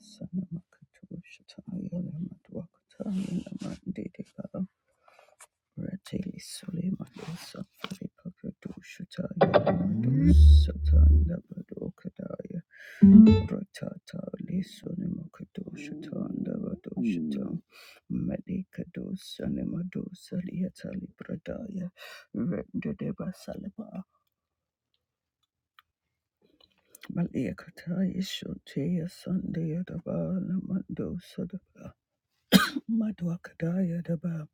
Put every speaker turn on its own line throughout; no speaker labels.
Sanamakato Shataya Lamadwakata Namandidika Rati Sulimado Safari Pakato Shataya Lamado Satanda Badokadaya Ratata Lisunimakato Shatanda Badoshatam Medikado Sanimado Saliatali Pradaya Rendadeba Salaba, Malekata, Ishotea, Sunday, Adaba, Lamando, Sadaba, Madwakadaya, Adaba.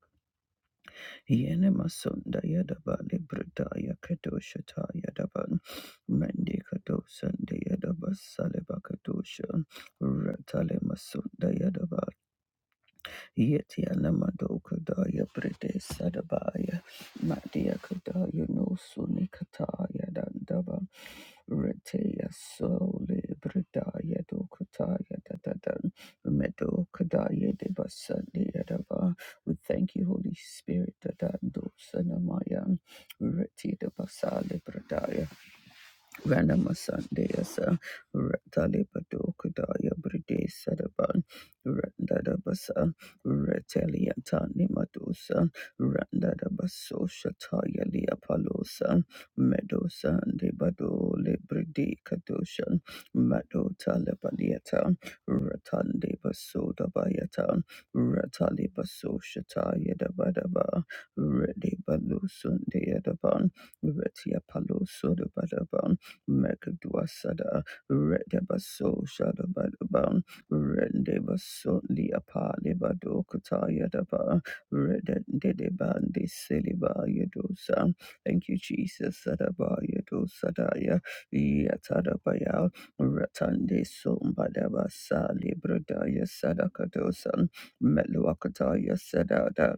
Yenemasunda Yadaba Libradaya Kadoshata Yadaban Mendi Kadosanda Yadaba Saleba Kadosha Ratale Masunda Yadaba Yeti Alamado Kadaya Brede Sadabaya Madia Kadaya no Sunikataya Dandaba Retea Sole Bredaya Dokataya Dadadan Medo Kadaya Deba Sandia dava. We thank you, Holy Spirit, Dadando Sanamaya Reti Deba Sale Bredaya Ranama Sandesa Ratalipato Kudaya Bride Sadaban Randadabasa Retaliatani Madosa Randadabaso Shataya Liapalosa Medosa Debado Libride Kadoshan Mado Talabalieta Ratande Basoda Bayata Ratalibaso Shataya Dabadaba Rede Balusun Deadaban Retia Paloso Dabadaba Mekadwasada, Redabaso Shadabadabam, Rendebaso Liapa Libado Katayadaba, Redendebandi Siliba Yadosa. Thank you, Jesus. Sadaba Yadosadaya, Yatadabaya, Ratande Sombadabasa Libradaya Sadakadosan, Meluakataya Sadada.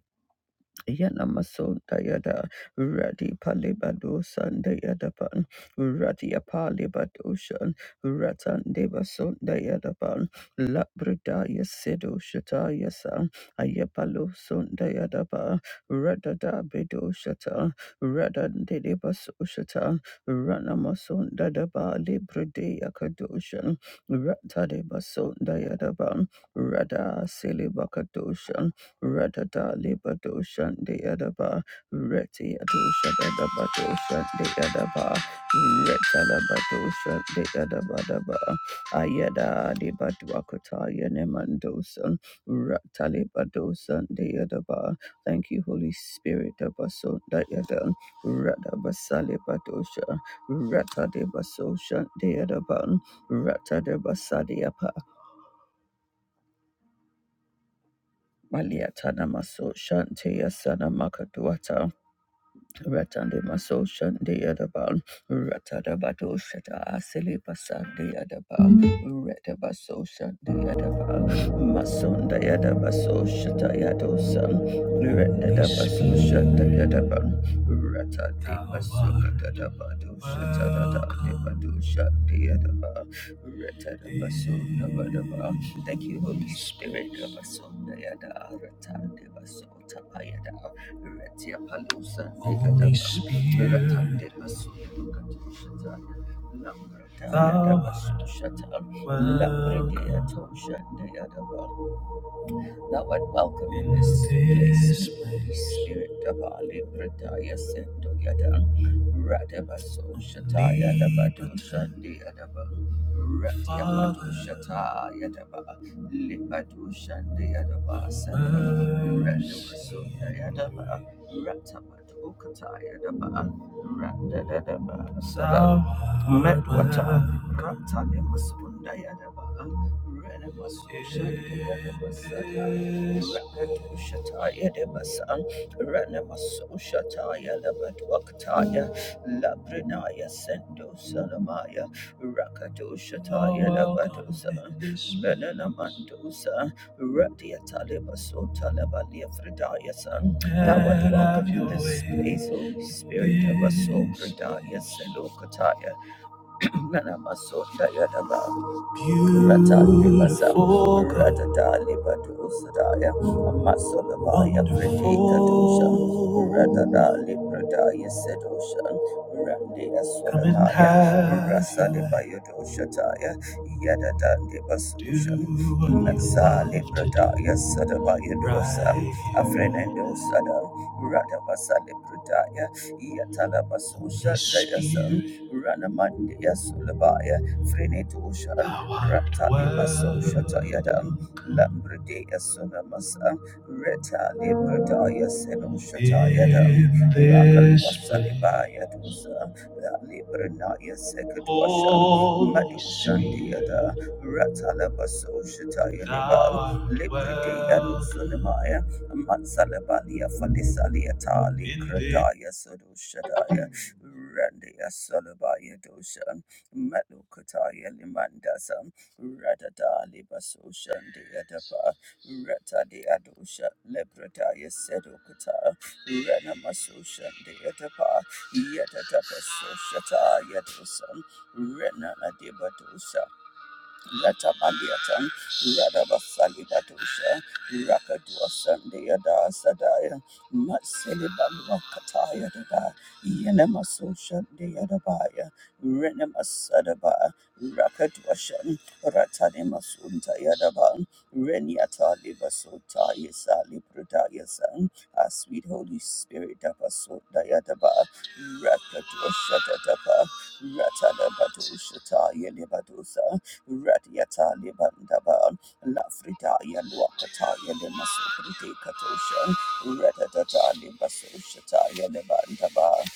Yanamason Dayada Radi Palibado Sandayadapan Radi Apalibadoshan Ratan Devason Dayadapan Labradaya Sedo Shataya Sam Ayapalo Sundayadaba Radada Bedo Shata Radan Dedebaso Shata Ranamason Dadaba Libradaya Kadoshan Ratadebason Dayadaban Rada Silibakadoshan Ratata Libato Shandi Adaba, Reti Atusha Dadabato Shandi Adaba, Retalabato Shandi Adabadaba, Ayada Dibatuakata Yenemandosan, Ratalibato Shandi Adaba. Thank you, Holy Spirit of Basunda Yadan, Ratabasali Batosha, Ratadibaso Shandi Adaban, Ratadabasadiapa, Maliatana Maso Shanti Asana Makatuata. Ratande Maso Shande Adaban, Ratadabato Shata Silipa Sande Adaban, Retabaso Shande Adaban, Masonda Yadabaso Shata Yadosan, Retadabaso Shata Yadaban, Ratade Maso Katadabado Shata Dabado Shande Adaban, Retadabaso Dabadaba. Thank you, Holy Spirit. Rabasonda Yada Ratande Baso Tapayada. Retia Palusa, Holy Dekadaba, Spirit, Ratande thou art Dabasushata, Thou art welcome in this place. Holy Spirit, Dabali Prataya Sendo Yada Radabaso Shataya Dabado Shandi Yadaba Ratyamadu Shataya Daba Lipadu Shandi Yadaba Sendo Radabaso Yadaba Ratabadu Kataya Daba Radadadaba Sada Metwata Ratanya Masunda Yadaba Ranamasoshataya Labadwakataya Labrinaya Sendo Salamaya Rakadoshataya in this space, Holy Spirit of us, O Fridaya Nana Masota Yadaba. Ratalibasa. Beautiful God. Ratatalibadusadaya. Amasolabaya Predikadosha. Ratadalibradaya Sedosha. Randi Asolataya. Rasalibayadoshataya. Yadadandibasosha. Nasalibradaya Sadabaya Dosa. Afrenendo Sada. Radabasali Bradaya. Yatalabasosha Dayasa. Ranamandi Yasulabaya, Frenetosha, Ratalibaso Shatayadam, Lambrede Yasunamasa, Reta Libradaya Seno Shatayadam, Rakalibasalibaya Dosa, Libranaya Sekadwasham, Madu Shandiada, Ratalabaso Shatayadam, Librede Yanusunamaya, Matsalabalia Falisaliatali, Kradaya Sodo Shataya. Randy Asolabaya Doshan, Malukataya Limandasan, Radada Libasoshan Deadapa, Rata Deadosha, Lepradaya Sedokata, Renamasoshan Deadapa, Yatadapa Soshata Yadosan, Renana Debadosa, Yatabaliatan, Radabasalibatusha, Rakadua Sandia da Sadaya, Matsilibalwakataya da, Yenemasosha deadabaya, Renemasadaba, Rakadwashan, Ratanimasunta Yadaban, Renyata Libasota Yesali Prudayasan, our sweet Holy Spirit Dabasota Yadaba, Rakadwashatadaba, Ratanabatusha Yelibadusa. Radiata Libandaban, Lafridaya Luakataya Limasokriti Katoshan, Redadata Libasoshataya Libandaban,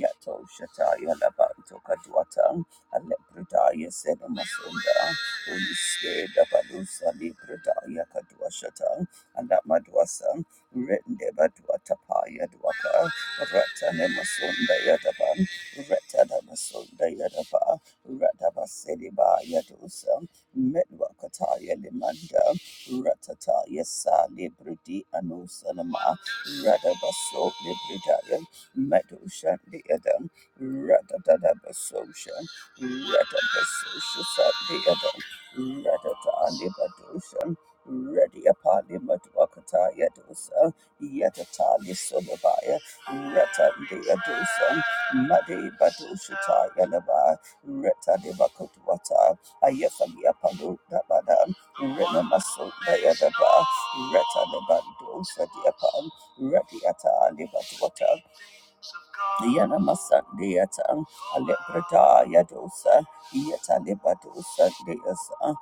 Yato Shataya Labanto Kaduatan, Alepridaya Sedamasunda, Holy Spirit of Alusa Libridaya Kaduashatan, and that Madwasan, Rendebaduatapaya Dwaka, Ratanemasunda Yadaban, Retanamasunda Yadaba. Radabasediba Yadusa, Medwakataya Limanda, Ratataya Sali libridi Anusanama, Radabaso Libridaya, Medusha Deadam, Radadabasosha, Radabasosha Deadam, Radatali Badusha, Radiapali Madwakataya Dosa, Yatatali Solabaya, Ratan Deadosa, Madi Badusha Taya Reta de Bakutwata, Ayafalia Palu Dabada, Rena Maso Dayadaba, Reta de Bandosa Diapan, Retiata Libatwata, Yana Masandiata, Alebrada Yadosa, Yatalibadosa Deasa,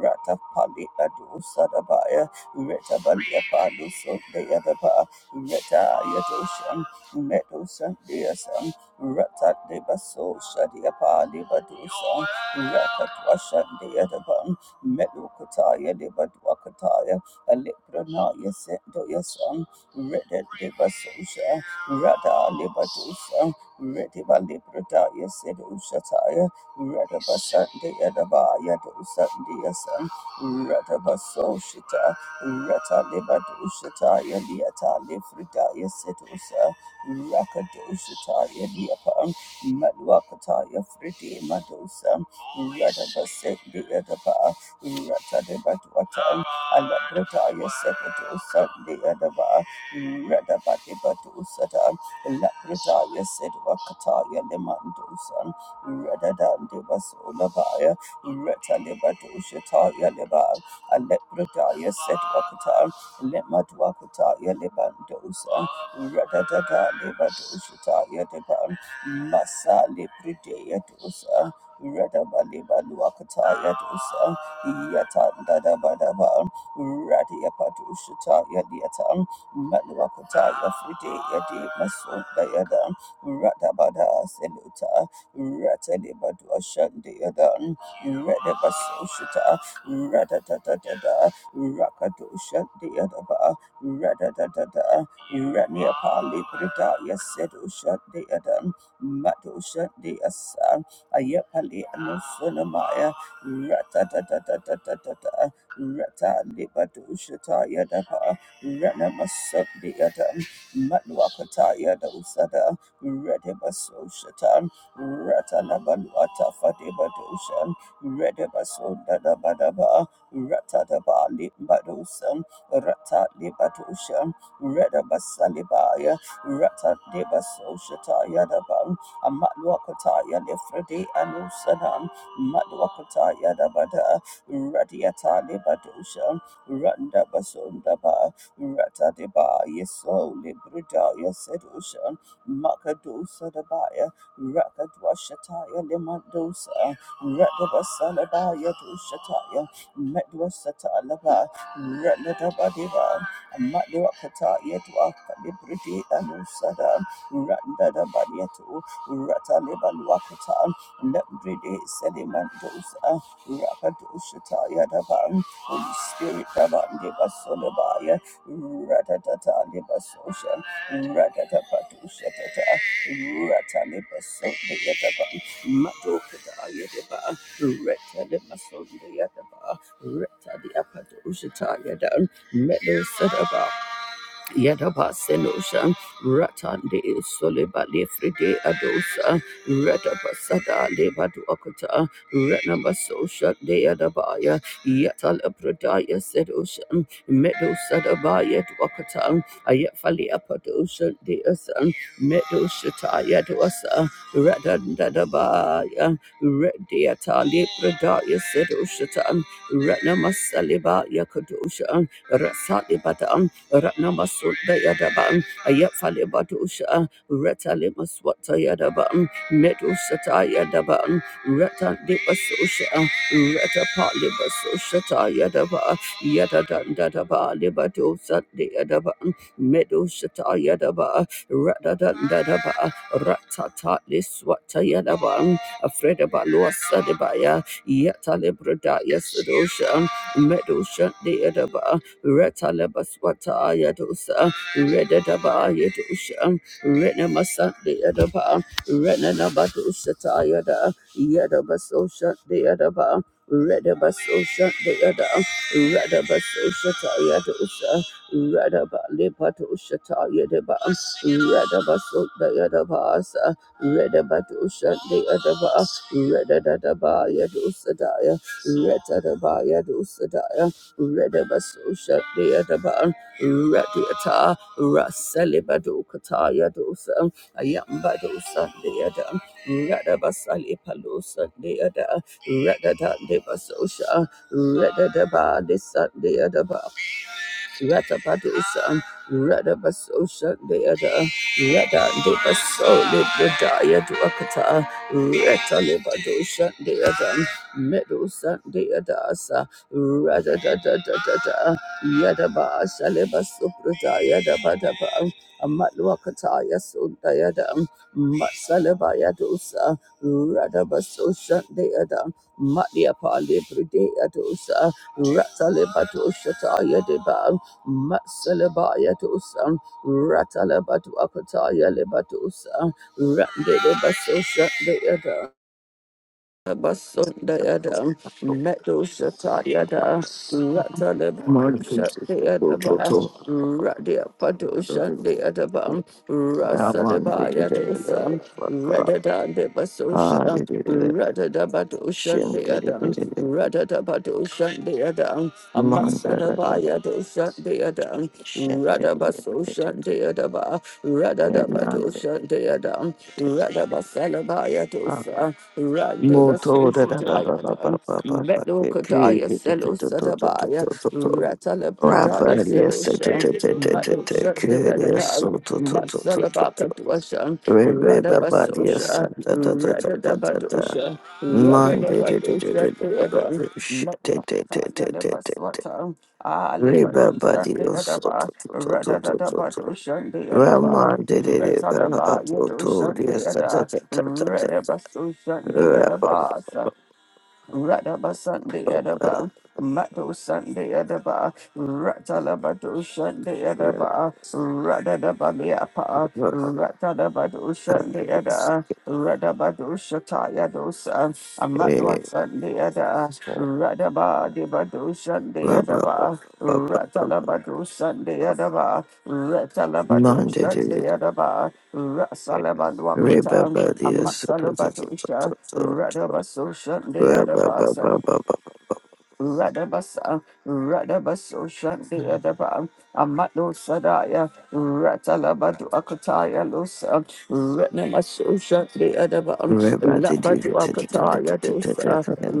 Rata Pali Adosa Dabaya, Reta Balia Paluso Deadaba, Reta Yadosha, Medosa Deasa, Rata Debaso Shadiapa Libadosa, Rata Twasha Deadaba, Medokataya Debadwakataya, Alebrana Yaset Doyasa, Reta Debasosha. Rada libadusa, Rediba Librada Yasedushataya, Radaba Sunday Adaba Yadusandia Sun, Radaba Soshita, Rata Libadushataya Liata Lifrida Yasedusa, Rakadushataya Liapan, Madwakataya Fridi Madusa, Radaba Sendia Daba, Rata Libadwatan, Alabradaya Sedusa, Liadaba. Radabadi Badusadan, Lapradaya Sedwakataya Lemandusan, Radadan Devasolabaya, Retalibadushataya Leba, Alepradaya Sedwakatan, Lemadwakataya Lebandosan, Radadada Lebadushataya Deban, Masa Libridaya Dosa, Radabalibaluakataya Dosa, Yatanda Badaba, Radia Padushataya Liatan. Maluakata Yafride Yadi Masunda Yada Radabada Seluta Ratalibadua Shandi Yada Redabasoshita Radadadada Rakado Shandi Yadaba Radadadada Iraniapa Librida Yasedo Shandi Yada Mado Shandi Asa Ayapali Anusunamaya Ratadadadadada Rata Libadushita Yadaba Renamasundiata, Matwakataya Dosada, Redibasoshata, Ratalabaluata Fadibadoshan, Redibasundada Badaba, Ratadabali Badosan, Ratalibadoshan, Redabasalibaya, Ratadibasoshataya Dabam, Amatwakataya Lefredi Anusanam, Matwakataya Dabada, Radiata Libadoshan, Randa Basundaba. Ratadeba, Yeso, Libridaya, Sedushan, Makadosa Dabaya, Rakadwashataya, Limandosa, Radabasalabaya, Dushataya, Medwasatalaba, Ratadabadeva, Madwakata, Yetwaka, Libridi, Anusada, Randadabayetu, Ratalibalwakata, Libridi, Sedimandosa, Rakadoshataya, Daban, Holy Spirit, Daban, Devasolabaya, Ratatata libasosha, ratatapatusha tata, ratalibasunde yataba, matokata yataba, retalimasunde yataba, retaliapatusha tayadan, medosadaba Yadabasenosha, Ratande Soleba Lefride Adosa, Radabasada Lebaduakata, Ranamasosha De Adabaya, Yatalabradaya Sedosha, Medosadabaya Duakata, Ayafali Apadosha De Asan, Medoshataya Duasa, Radandadabaya, Rediata Lepradaya Sedoshatan, Ranamasaleba Yakadosha, Rasali Batam, Ratnamasunda Yadabam, Ayafali Batusha, Retalima Swata Yadabam, Medushata Yadabam, Ratan Dibasosha, Ratapali Basoshata Yadaba, Yadadan Dadaba, Libadosa Yadabam, Medushata Yadaba, Radadan Dadaba, Ratata Liswata Yadabam, Afreda Baluasa Debaya, Yatalibradaya Sedosha, Medusha Deadaba, Retalabaswata Yadosa, Redadaba Yadusha, Renamasa Deadaba, Renanabadusata Yada, Yadabasosha Deadaba. Redabasosha Deada, Radabasosha Yadosa, Radaba Lepatosha Yadaba, Radabaso Deadabasa, Redabatusha Deadaba, Redadaba Yadosadaya, Retadaba Yadosadaya. Redabasusha Deadaba Radiata Rasalibadokata Yadosa Ayambadosa Deada Radabasalipalusa Deada Radada Debasosha Redadaba de Sunday adaba, Ratapadisam, Radabaso Shandeada, Rada Debaso Libradaya Duakata, Reta Libado Shandeada, Medu Sandeadasa, Rada da da da da da, Yadaba Shalibaso Pradaya Dabadaba, Amatluakataya Sundayada, Matsalabaya Dosa, Radabaso Shandeada, Matiapa Libradaya Dosa, Rata Libato Shataya Masalabaya to Sam, Ratalaba to Akataya Leba to Sam, Rande de Baso Shandayada. Basundayada,
Rabbi,
Meto Shatayada, Ratalaba Shandayadaba, Radia Pato Shandayadaba, Rasadabaya de Sam, Redada de Basosha, Radadabato Shandayada, Radadabato Shandayada, Deado Shandeadam, Radabaso Shandeadaba, Radadamado Shandeadam, Radabasalabaya dosa, Randabasitayadam, Medo Kadaya Selo Sadabaya, Ratala Pradaya
yes, te te
Sedosha,
te te te
Mado
te ke yes
Shandeadaba,
to to to to to
Masalabaka Dwasha,
Rebeba body is
Radabasosha,
da da da da da da da.
Radadabadosha,
Monday da da da da da
Radadabadosha
da da
Deadam,
da. Shit da da da da
Madwakataya
da da da.
Lebaswata. Ah,
Reba body also to
Alibadushandayadaba,
to to to to to to.
Radadadabadushandayadaba,
Raman da da da da da
Retsadaba,
to to yes da da
Yadushandayada,
da da da da da. Reba ba ba
Redabasundayadabasa, Radabasundayadaba. Mado Sunday Edaba, Ratalabado Sunday Edaba, Radadababiapa,
ba ba ba.
Ratalabado
Ah,
Sunday
yes.
Eda, Radabado Shataya dosa,
Eh,
Amatwa Sunday Eda,
ba
Radabadibado Sunday
ba ba ba
Edaba,
ba ba. ba.
Ratalabado Sunday Edaba, Ratalabado
Monday da
Sunday
da da
Edaba,
da. Reba
Rasalabadwakota,
body also to to to
Amasalabado
to to
radaba
to.
Radabaso Sunday
Reba ba
Edaba,
ba ba ba ba.
Radabasa, Radabaso Shanti Adaba, Amado Sadaya, Ratalabadu Akataya Losa, Ratnamaso Shanti Adaba,
Everybody did
Labadu
it, did it, did
Akataya
it, did it,
Dosa,
did it.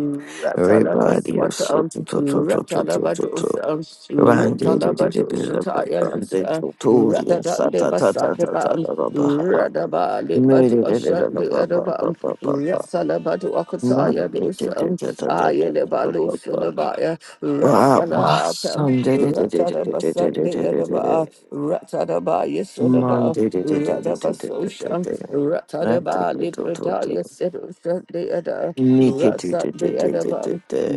Everybody you so to to to to to to to to.
Ratalabadosa,
Randy did it, did
Ratalabadosa,
it, Randy
Yalusa,
so to the sa
Radadan de
ta ta ta ta ta
Basadaban,
ta ta ta ha.
Radabali
Me did it, did
Baduasha
it,
de
ba ba ba
Adaban,
ba ba ba.
Rasalabadu
Not
Akataya de
did it,
Usam,
did it, ta ta ta ta ta
Ayelebalu
ta ta.
Sulabaya,
Ah,
Rasalata,
awesome. Did it, did it, did it, did it,
Ratadabasan
did
de
it, did it.
Adaba, Ratadabaya
Man
Sulaba.
did it, did it, did it, did it, did
Radabasosha,
it. Right, did
Ratadaba,
it, did it,
Libradaya, Sedosa, the other,
Me did it,
Rasa,
did it,
the
did it, did
other,
it.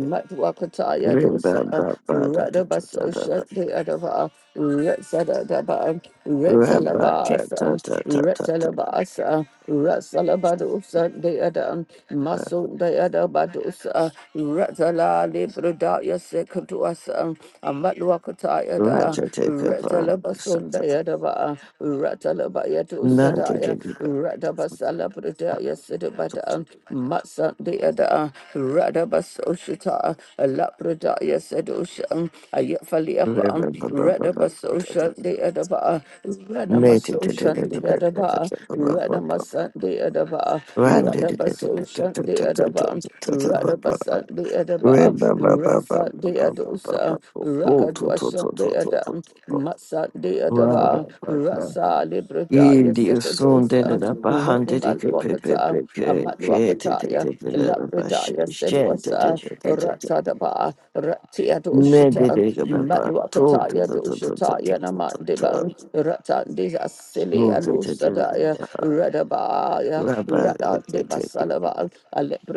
da da da
dosa,
da da da ta ta ta ta
Radabaso
ta ta
Shanti Adava, Retsadadaba,
ta ta ta ta
Retsalabasa,
ta ta ta ta ta ta
Retsalabasa, Ratsalabado Sunday Adam, Maso Dayadabadosa, Ratsala Librodaya Sekatuasa, Amatwakataya da, Retzalabason Dayadava, Ratsalabayatu
ta ta
Sadaya, Radabasala Prodaya Sidabata, Matsan Santa, Radabasoshita, Lapradaya Sedosha, Ayafaliapa,
ta
Radabasosha, the Adaba, Radamasosha, the Adaba, Radamasan, the Adaba, Radabasosha, the Adaba,
ta
Radabasan, the Adaba, Ratsa, the Adosa, Rakadwasha, the Adam, Matsa, the Adaba,
Rabba
Rasa, Libradaya
Yidi sunde de
Sedosa,
la bahande de ke pe pe pe ke
Radimalwakata,
ke te te te
Luapataya,
te de la bashe
Labradaya
shente
Sedwasa,
te te te te te te
Ratadaba, Ratia
me
Doshita,
de de ke pe pa to te
Matluapataya
te te te te te
Doshataya
te te te
Namandiban, Ratandisa Sili
ru te te te
Alusadaya, Radabaya,
la ba e te
Radandeba
te
Salaban,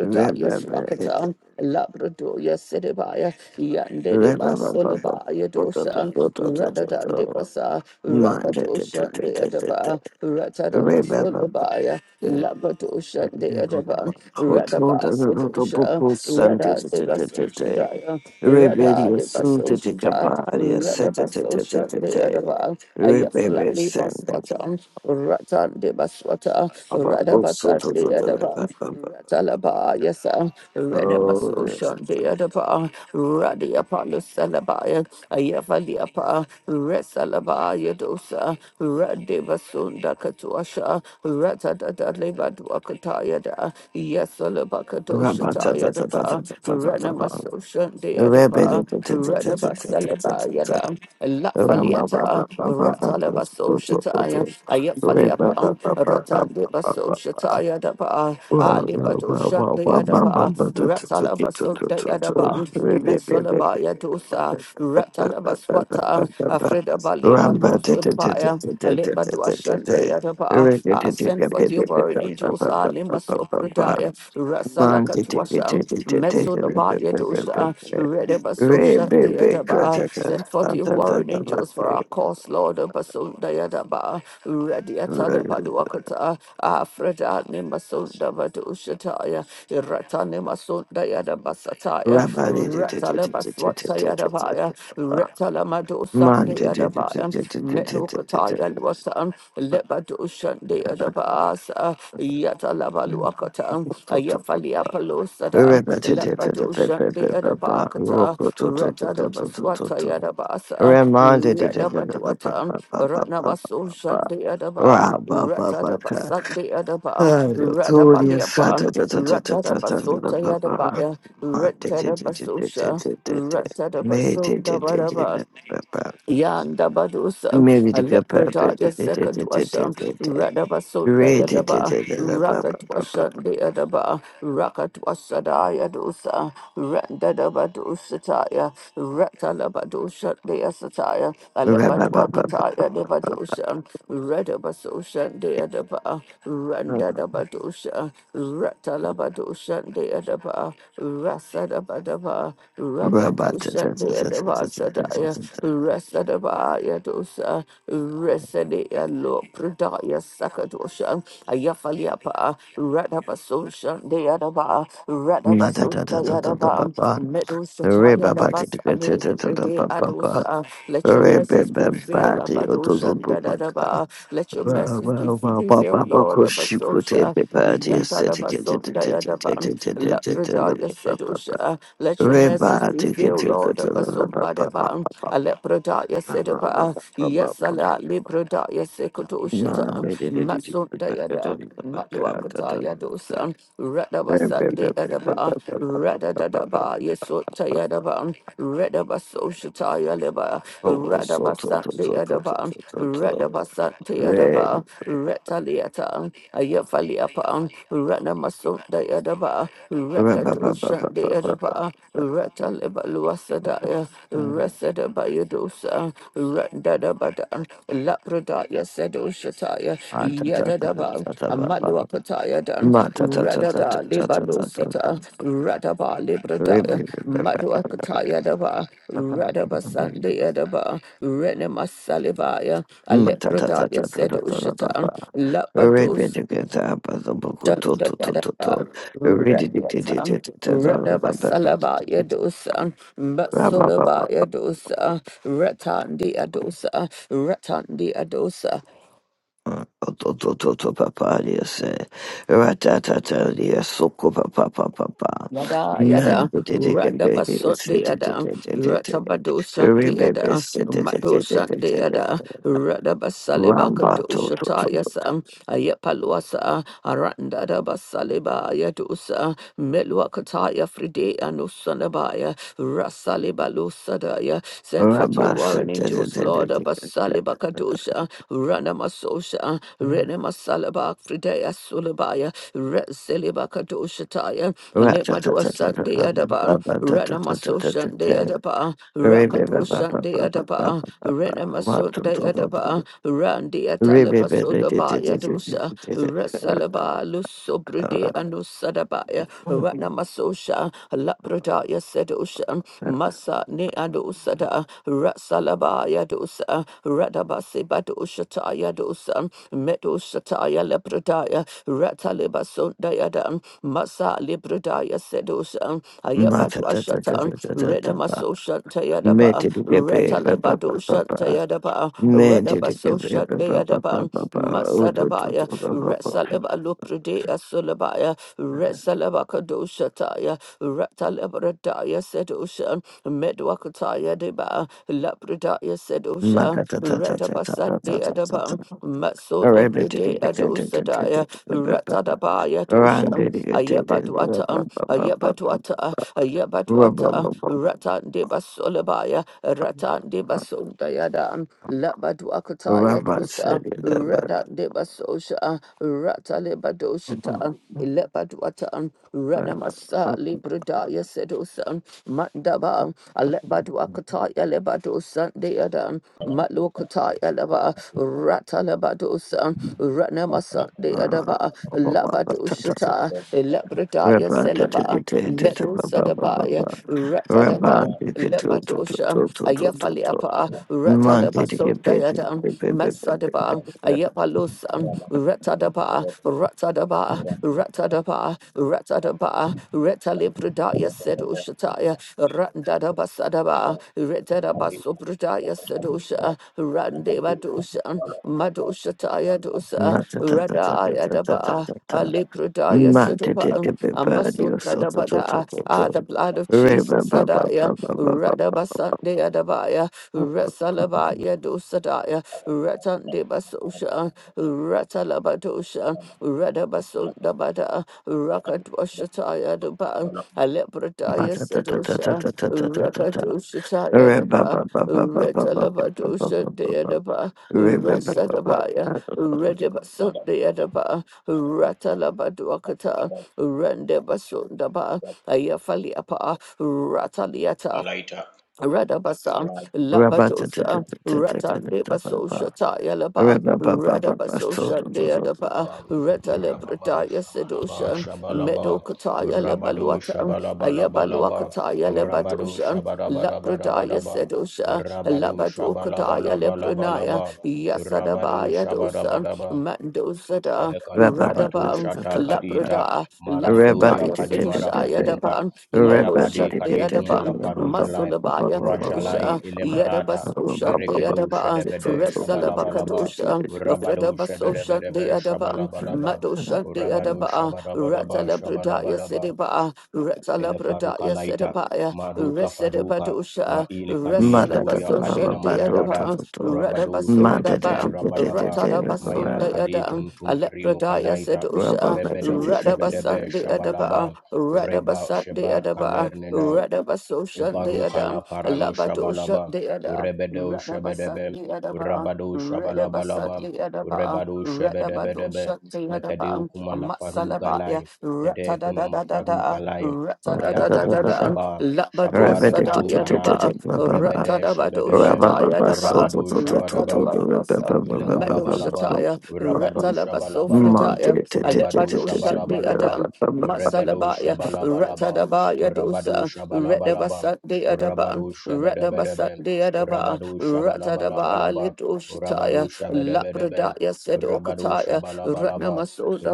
re ba ba e te
Swakata. Labradoya Sedebaya, Yande de
re ba ba ba ba
Basolabaya
ba to to
Dosa,
to to to to
Radadan de
to
Basa,
ma te te te
Rakadosha
te
de
te te te
Adaba, Ratada
re ba ba ba
Basolabaya,
e e
Labradosha de
e.
Adaba,
ho to de de de de bu
Radabasodosha,
bu san te
Rada
te
de
te te
Basosha
te
Daya, Rada
Rebellion
de
food to
Basosha
take a
Ta,
party,
Rada
set it to
Basosha
the
de
day.
Adaba,
Rebellion
Ayaflatli
send them.
Maswatan, Ratan de Baswata,
Baba
Rada
Brusso
Basat
to
de Adaba,
the Baba.
Talaba, yes, sir. Renema
Oh,
Soshan, the other bar, Radia Palos Salabaya, Ayavaliapa, Resalaba, Yadosa, Radeva Sunda Katuasha, Ratadada Levaduakataya, Yasalabakadosha
Rabba Tata.
Tayadaba, Renema Soshan, the bar, Renemasoshan, the other bar,
Rebellion to
Radaba Salaba
the
Yada, La
Rama Baba
Faliata,
Baba
Talaba Social
Brusso.
Taya, Ayafalia Pang, Ratan de Baso Shataya Daba, Ali Badosha de Adaba, Ratalabaso de Adaba, Metsolabaya
Rebellion.
Dosa,
Man,
Ratalabaswata, Afreda Bale Paloso de Baya, Alimba Duashan de Adaba, I sent for your word angels, Alima Sopradaya, Rasalakatwasha, Metso Dosa, Redeba Sosha Deadaba, send forth your warring angels for our cause, Lord Basunda Yadaba, Radia Talibaluakata, Afreda Nimasunda Vadushataya, Ratani Masunda Yadabasataya, Ratalabaswata Yadabaya, Retalamado Sunday Yadabaya, Medukataya Lwasan, Lebadushan Deadaba asa yata labaluakata ayafalia palosada labadosha
Reminded
deada bakata radada baswata yada basa rada badwata ratna basosha deada ba ratada basan deada ba rada baliapa ratada basota yada baya ratada basosha ratada basota Yanda Badusa, a leprada, Yasekadwasha, Radabasunda Yadaba, Rakatwasha, the Yadaba, Rakatwasada Yadusa, Randadabadusataya, Ratalabadusha, the Yasataya, a lepadwakataya, the Badusha, Radabasosha, the Yadaba, Randadabadusha, Ratalabadusha, the Yadaba, Rasadabadaba,
Rebaba
Shandia Devasadaya, Resadabaya Dosa, Resadia Lo Pradaya Sakadosha, Ayafaliapa, Radabasun Shandia Daba, Radabasun Dayadaba, Medosataya Dabas Ali, Rede Adosa, let your message prevail, Abadoshan Dadadaba, let your message be- prevail, Lord Abasosha, Yatadabasun Dayadaba, Lapradaya Dosha. Let your message prevail, Lord. Abasumbareba, Alepradaya Sedaba, Yasala Libradaya Sekudoshata, Matsundayada, Matwakataya Dosa,
Oh,
Radabasa de Adaba, Radadadaba, Yesotayadaba, Radabasoshataya Leba,
so to
Radabasa
to
de
to to to
Adaba,
to to to.
Radabasa de
Re-
Adaba, Retaliata, Ayafaliapa, Dayadaba,
ba- ba-
Rekadu
ba- ba- ba- ba- ba- ba-
Shandayadaba, Ratalibaluasadaya,
um,
Resadabayadosa, Randadabada, Lapradaya Sedoshataya,
ah, ta- ta- ta- ta-
Yadadaba,
ta- ta- ba- ba.
Amaluapataya Dan,
Ma- ta- ta- ta- ta- ta-
Radada
ta- ta- ta- ta- ba.
Libalusata, Radaba
Re-
Libradaya,
bi- bi- bi- ba- ba- ba- ba- ba.
Maduakataya Daba, Radaba Sandayadaba, Renema Salivaya,
Ma- ta- ta- ta-
Alepradaya
ta- ta- ta- ta- ta- ta-
Sedoshata,
ba. Re-
Lapados.
bi- di- bi- ta- ba- za- bu- ku- tu- tu- tu- tu- tu. Re- di- di- di- di- di- di- ta- za- ba- ba- ba- ba- di- di-
Radabasalabaya
di- di-
dosa,
ra- ba- ba- ba- ba.
Matsulabaya dosa, Ratandi adosa, Ratandi adosa,
Otototo papa diase, ratatata diaso papa papa papa.
Yada yada,
Man te te te te de
Randabasot
te
de
te te
ada,
te te te.
Ratabadosa de
Rebebe
ada,
se te te te te
Madosa
te
de
te te
ada, Radabasalibaka
Ramba to
dosa
to to to to.
tayasa, ayapaluasa aranda da basaliba yadusa meluakataya fride anusanabaya rasalibalusadaya send forth your
Ramba se
warring
te te.
angels
de de
lord
de de de.
abasaliba kadusha ranamasosha renemasalaba frideya sulabaya resiliba kadusha taya and let my door
Ratatata
sunday adaban
papa tata tata tata
Ranamasosan de
tata.
Adaba,
Rebebe papa
Rakadosan de
papa
Adaba,
papa papa.
Renamason
Mato
de
to to to. to.
Adaba, Randi
Rebebe te
Atalapasoda
te te
Baya
te te
Dosa,
te.
Rasalaba, Lusobride
de
and Usadabaya,
de.
Ranamasosha, Lapradaya Sedosha,
Rubber,
Masa ne Adosada, Rasalabaya Dosa, Radabasi Badosha dosan medo shataya lepradaya rataliba sundayadan masa libradaya sedosan ayabadu ashatan renamaso shantayadaba retaliba dosantayadaba redabaso shantayadan masadabaya resaliba lupradaya sulabaya resalaba kadoshataya Ratalabradaya Sedosha, Medwakataya Deba, Labradaya Sedosha, Retabasadi Adabam, Matso Libride Adosadaya, Ratadabaya Dosha, Ayabadwata, Ayabadwata, Ayabadwata, Ratan de Basolabaya, Ratan de Basundayada, Labadwakataya Dosa, Ratan de Basosha, Ratalibadosha. Ilebadwatan, Renamasa, Libradaya Sedosan, Mandaba, Alebadwakataya Lebadosan, Deadan, Matlokataya Leba, Ratalabadosan, Renamasa, Deadaba, Labadoshata, Ilebradaya
Rabba to take
Seleba,
it to the papa papa.
Medosadabaya,
Rabba to get
Retadaba.
to to to
Badosha,
to to to to to.
Ayafaliapa,
Man
Ratalaba
did get paid.
Sundayada, Masadaba, Ayapalus, Ratadaba, Ratadaba, Ratadaba, Ratadaba, Retalibridaya Sedushataya, Randadaba Sadaba, Retadaba Subridaya Sedusha, Randeva Dusha, Madushataya. Pradaya Dosa,
Not ta ta ta
Rada
ta ta ta ta
Ayadaba,
ta ta.
Ali Pradaya
Man did
Sudaba,
it get paid. You
Amasunda
so to to to
Dabada,
to
Ah, the
to.
blood of
Rabba
Jesus,
papa
Adaya,
papa papa
Rada
papa.
Basande Adabaya, Rasalabaya Dosadaya, Ratande Basosha, Ratalabadosha, Rada basundabada, Bada, Rakatwashataya Daba,
Balaita,
Ma
Alepradaya
ta ta ta ta ta
Sedosha,
ta ta ta ta ta ta.
Rakadoshataya
Rabba
Daba,
papa papa papa papa
Ratalabadosha
papa papa.
Deadaba,
Rabba papa.
Rasadabaya. Redibasundayadaba, Ratalabaduakata, Rendebasundaba, Ayafaliapa, Rataliata, Radabasa,
Balaba,
Rabba
Labadosa, Ratande Basosha Taya Laba, Radabasosha Deadaba,
God, just let
Reta
me pray. Rababa,
Lebretaya
Shabalaba,
Sedosha,
Shabalaba,
Medokataya
Rabado,
Lebaluata,
Shabalabalabalaba,
Ayabaluakataya
Rabado,
Lebadosha, Labradaya
Shabarabarabaraba,
Sedosha,
Rabado,
Labadokataya Lebranaya,
Shabalabalabalaba, Rabado,
Yasadabaya Dosa,
Shabarabadaba,
Mandosada,
Ilekala faratu
Radabam,
shata kadita
Labrada,
maranturia
Lafredaya
kadi
Sedoshaya
marapatumpa
Daban,
maya
Medosha
kadi kadi
Deadabam,
kumala farujalai
Matsulaba
rajalai
Yakadusha,
ile marata
Yadabasosha, the
merekedo
Adaba,
shedebede
Resalaba
shabalabalaba
Kadusha,
urabado
Afredabasosha, the
shebedebedebe
Adaba,
shabalabalaba
Madusha, the
urabado
Adaba,
shabarabaraba
Ratalabradaya
shabalabalaba
Sidiba,
Elefaruka
Ratalabradaya
Laita,
Sidibaya,
Maruka Faruka,
Resedibadusha,
Maili Kadi Turia Kadina
Resalabasosha, the
Maradada,
Adaba,
Rabadu Kebedebe
Radabasodaba,
Rabadaba, Maya
Ratadabasoda
Kadi
Yada,
Tum Tum Perinu
Alepradaya
Kalaita,
Sedusha,
Rebedo
Radabasat,
Shebedebe
the Adaba,
Shabalaba, Reba
Radabasat, the
Shebar
Adaba.
Kaner
Radabaso Shan de
Varukala
Adam,
paralo
Labado Shan
shabalaba,
de Ada,
urebedo
Radabasat
shebedebe,
de Adaba,
urabado
Radabasat
shabalabalaba,
de Adaba,
urebado
Radabado
shebedebedebe,
Shan de
mekadeu
Adaba,
kumala
Matsalabaya,
farugalai, kede kunama
Ratadadadada,
farugalai, maya faru
Ratadadadada,
shaba,
Labado
shabare
Sada
parukala,
Yaduba,
urebede
Ratadabado
shebedebe,
Shataya Daba,
urabado shabadaba,
Ratalabasan, Meadow
Elekalabalaba,
Shataya,
Rabado
Ratalabaso
Shabalabalaba,
Fridaya,
Rebado
Alebado Shan de
Shabalabalaba, Rebedo
Adam,
Shabalabalaba,
Ratadaba
Rabado
Yadosa,
Shabalabalaba,
Redabasat de Adaban,
Rabado
Radabasat
Shabedebedebe,
de Adaba,
Rabado
Ratadaba
Shabalabalabalaba, Rabado
Lidoshitaya,
Shabedebedebe,
Lapradaya said
Rabado
Okataya,
Shabalabalaba,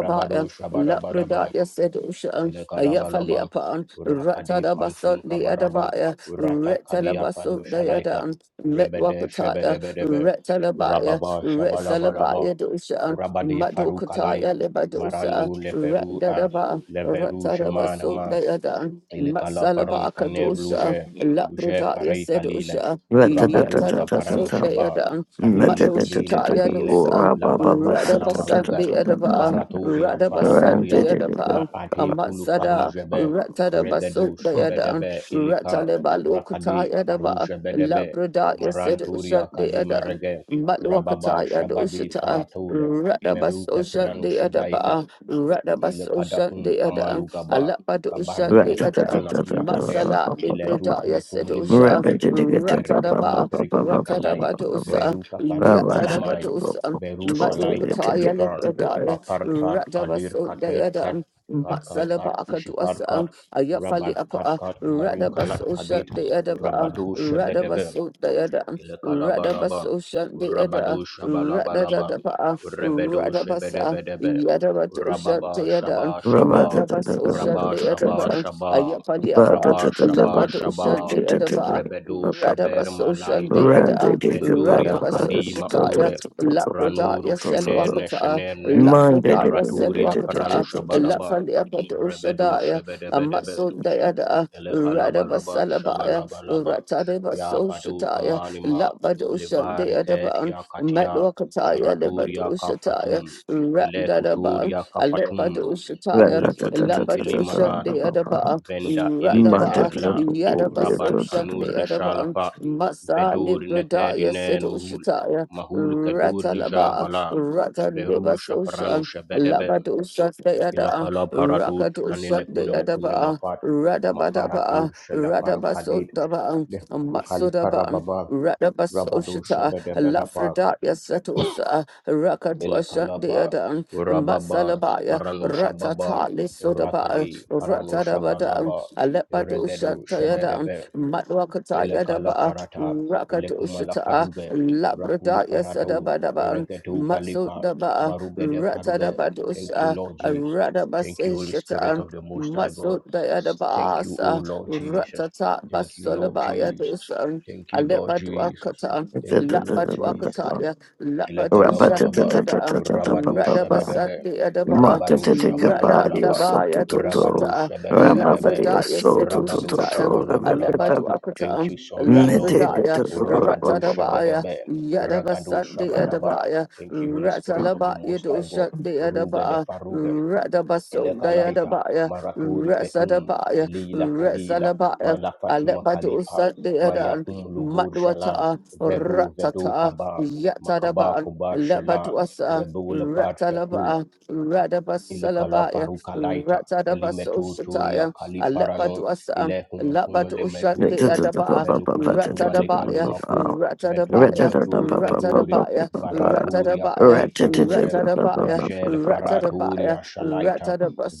Rabado
La
Shabadabadaba,
Lapradaya Sedushan,
Elekalabalaba,
Ayafaliapan,
Rakade
Ratadabasun
Phantom
de
Kabaraba,
Adabaya,
Urata Kadia Fadu
Retalabasun de
Shalaita,
Adan,
Rebede
Metwakataya,
Shebedebedebe,
Retalabaya,
Rababa Shabalabalaba,
Retsalabaya Dushan,
Rabade Farukalai,
Madokataya Lebadosa,
Marandu Leferu,
Ratdadaba,
Leveru
Ratadabasun
Shimanama,
de Adan,
ele kala paran
Matsalabaka
kaner
Dusha,
luje
la
luje
Lapradaya
farai kalile
Sedusha,
rabadu
Yatadabasun
kaparanu
de
shaba
Adan,
kadile kadile
Madoshitaya
kadile
Dosa,
lavaru
Radabasan
kalamaruga
de Adaba.
varatoria
Radabasat
varatoria ma
Beadapa,
ate kulu
Amatsada,
farujebe
Ratadabasut
regedo
Beadan,
shebedebe ilika
Ratalebalokata
rakadi
Yadaba,
farujebedebe
Labrada Yased Ushat
maranturia kadima
Deadan,
rege rababa
Matwakata
shabadi
Yadoshata,
faratole
Radabas
meruke
Oshat
pranu shebaita
Deadaba,
il
Radabas Oshat
kadakum
Deadan,
kamalu gaba
Alapad Ushat
kabaru keta
Deadan,
pranati akade
Matsala
ile
Librada
kum kum
Yased Usha,
limelefet mereketum
Ratadaba,
perikuli kalai
Ratadabadosa,
beruka faruka lamai
Yatadabadosa,
beru shalai
Matwakata
takul par
Yalebradaya.
papar pat kadir kater kat
Radabasundayadam,
kar kar kar
Matsalabaka to us,
ishikar kar
Ayafali
rabat kat
apa,
kat maru kalat
Radabasosha
kadit
de Edaba,
rabadu shebedebe
Radabasundayadam,
Ilekalabalaba,
Radabasosha de Eda,
Urabado Shabalabalaba,
Radadadapa,
Urebedo
Radabasa,
Shebedebedebe,
Yadabasosha
Urababa
de Edam,
Shaba Shaba,
Radabasosha
Uraba
de
Shaba
Edaba,
Shaba,
Ayafali apa,
Uraba Shaba
Labatusha
Shaba,
de Edaba.
Rebedo Sheber
Radabasosha
Malaita,
de Eda,
Venduria
Radabasosha
Kadima
Taya,
Ule, Ranuru
Labradaya
Shenerne
Monday,
Selwakata, uh,
Shenerne,
Lafredaya
Maraturia
Selwakata,
Pranu Shabadaba,
Lafandia
Rebedo
Padoshadaya,
Shebedebedebe,
Amasundayada,
Elekalabalaba
Radabasalabaya,
Shabalabalaba
Ratadeva
Ya Padu
Soshataya,
Kamanima Ilivariket
Labadoshandeadaban,
Ya Katia
Matwakataya,
aratur ya
Lebadoshataya,
Kafatum ile kutur
Ratdadaban,
ya Kafatum
Alepadoshataya,
Ulifatum Kilimaratu
Labadoshandeadaban,
Venda
Radaba,
Iliteterla Rabat Kanur
Yadabasoshandeadaban,
Rishalapa
Masa
Vedur
Libradaya
Nekedinen
Sedoshataya,
Mahul Kadur
Ratalaba.
Lijabala
Ratandeba
Verusha Parano
Sosha,
Shebedebe
Labado Shatayada,
Ilakala paratut
Rakado
kanene kuna ukune
Shatayadaba,
mafat mafaratur
Radabadaba,
shela faru kadid
Radabasodaba,
lefetu kalifara
Matsodaba,
baba rabadu
Radabasoshata,
shebede belapa
Lafredatia Setosa, Rakadwa
ilakalapa
Shatayada,
urababa
Matsalabaya,
paranusha baba
Ratatali Sodaba,
urakadi paranusha
Ratadabada,
balaba
Alepado
iregedu
Shatayada,
shebedebe ile kala
Matwakatayadaba,
farata ile
Rakado
kumala
Shata,
faruge rakuli
Labradaya
faratau
Sadabadaba,
iregetu
Matsu
kalipa
Daba,
maruge de
Rata
faruge
Daba
thank you
Dosa,
lord jesus
Rada
thank you holy spirit
Basishata,
of the most high
Matsu
god thank you o
Dayadabasa,
lord jesus
Ratata
thank you lord
Basolabaya
jesus
Dosa,
thank you lord jesus
Alepaduakata,
thank you lord jesus
Lapaduakataya, Lapadusha
Ilekalabalaba,
Deada,
Rabado
Rada Basa
Shabadebe,
Deadaba,
Rabado
Rada
Makatetekapari
Shabalabalaba,
Dabaya
Sokitotoro
Rabado
Doshita,
Shabadebedebe,
Ramabadi
Lafredaya said
Rabado
Ushita.
Sotototoro
Shabalabalaba.
Rebebebe
Thank
Alepaduakata,
you, Sovereign Lord God.
Lafredaya,
Rabado
Ratadabaya,
Shabadebe,
Yadaba
Ragado Shabadaba.
Sunday
Thank you, Holy Spirit of the
Ratalaba
Most High
Yedosha
God. Uruga de
Deadaba,
Faruga,
Radabason
elekalaita
Diadabaya,
maraturi fetum
Ratsadabaya,
elila kadila
Ratsalabaya.
malafatuma kalipa
Alepadosa Deadan,
mayakum luvur shala
Matwata,
vedu vedu
Ratata,
kaba makaba
Yatadaban,
kubar shala
Lepatuasa,
rebula part takul
Ratalaba,
ilikala
Radabasalabaya,
faruka laita kelimetu turia
Ratadabasoshataya,
kali parano
Alepatuasa.
ile kum kum
Labadosha
lemetu
de
kum
Adaba,
melukum kuma
Ratadabaya,
lefalumakum bedur
Ratadabaya,
bedur bedur
Ratadabaya,
varaturia
Ratadabaya,
kadi faruje
Ratadabaya,
rajel faraturia
Ratadabaya,
shalaita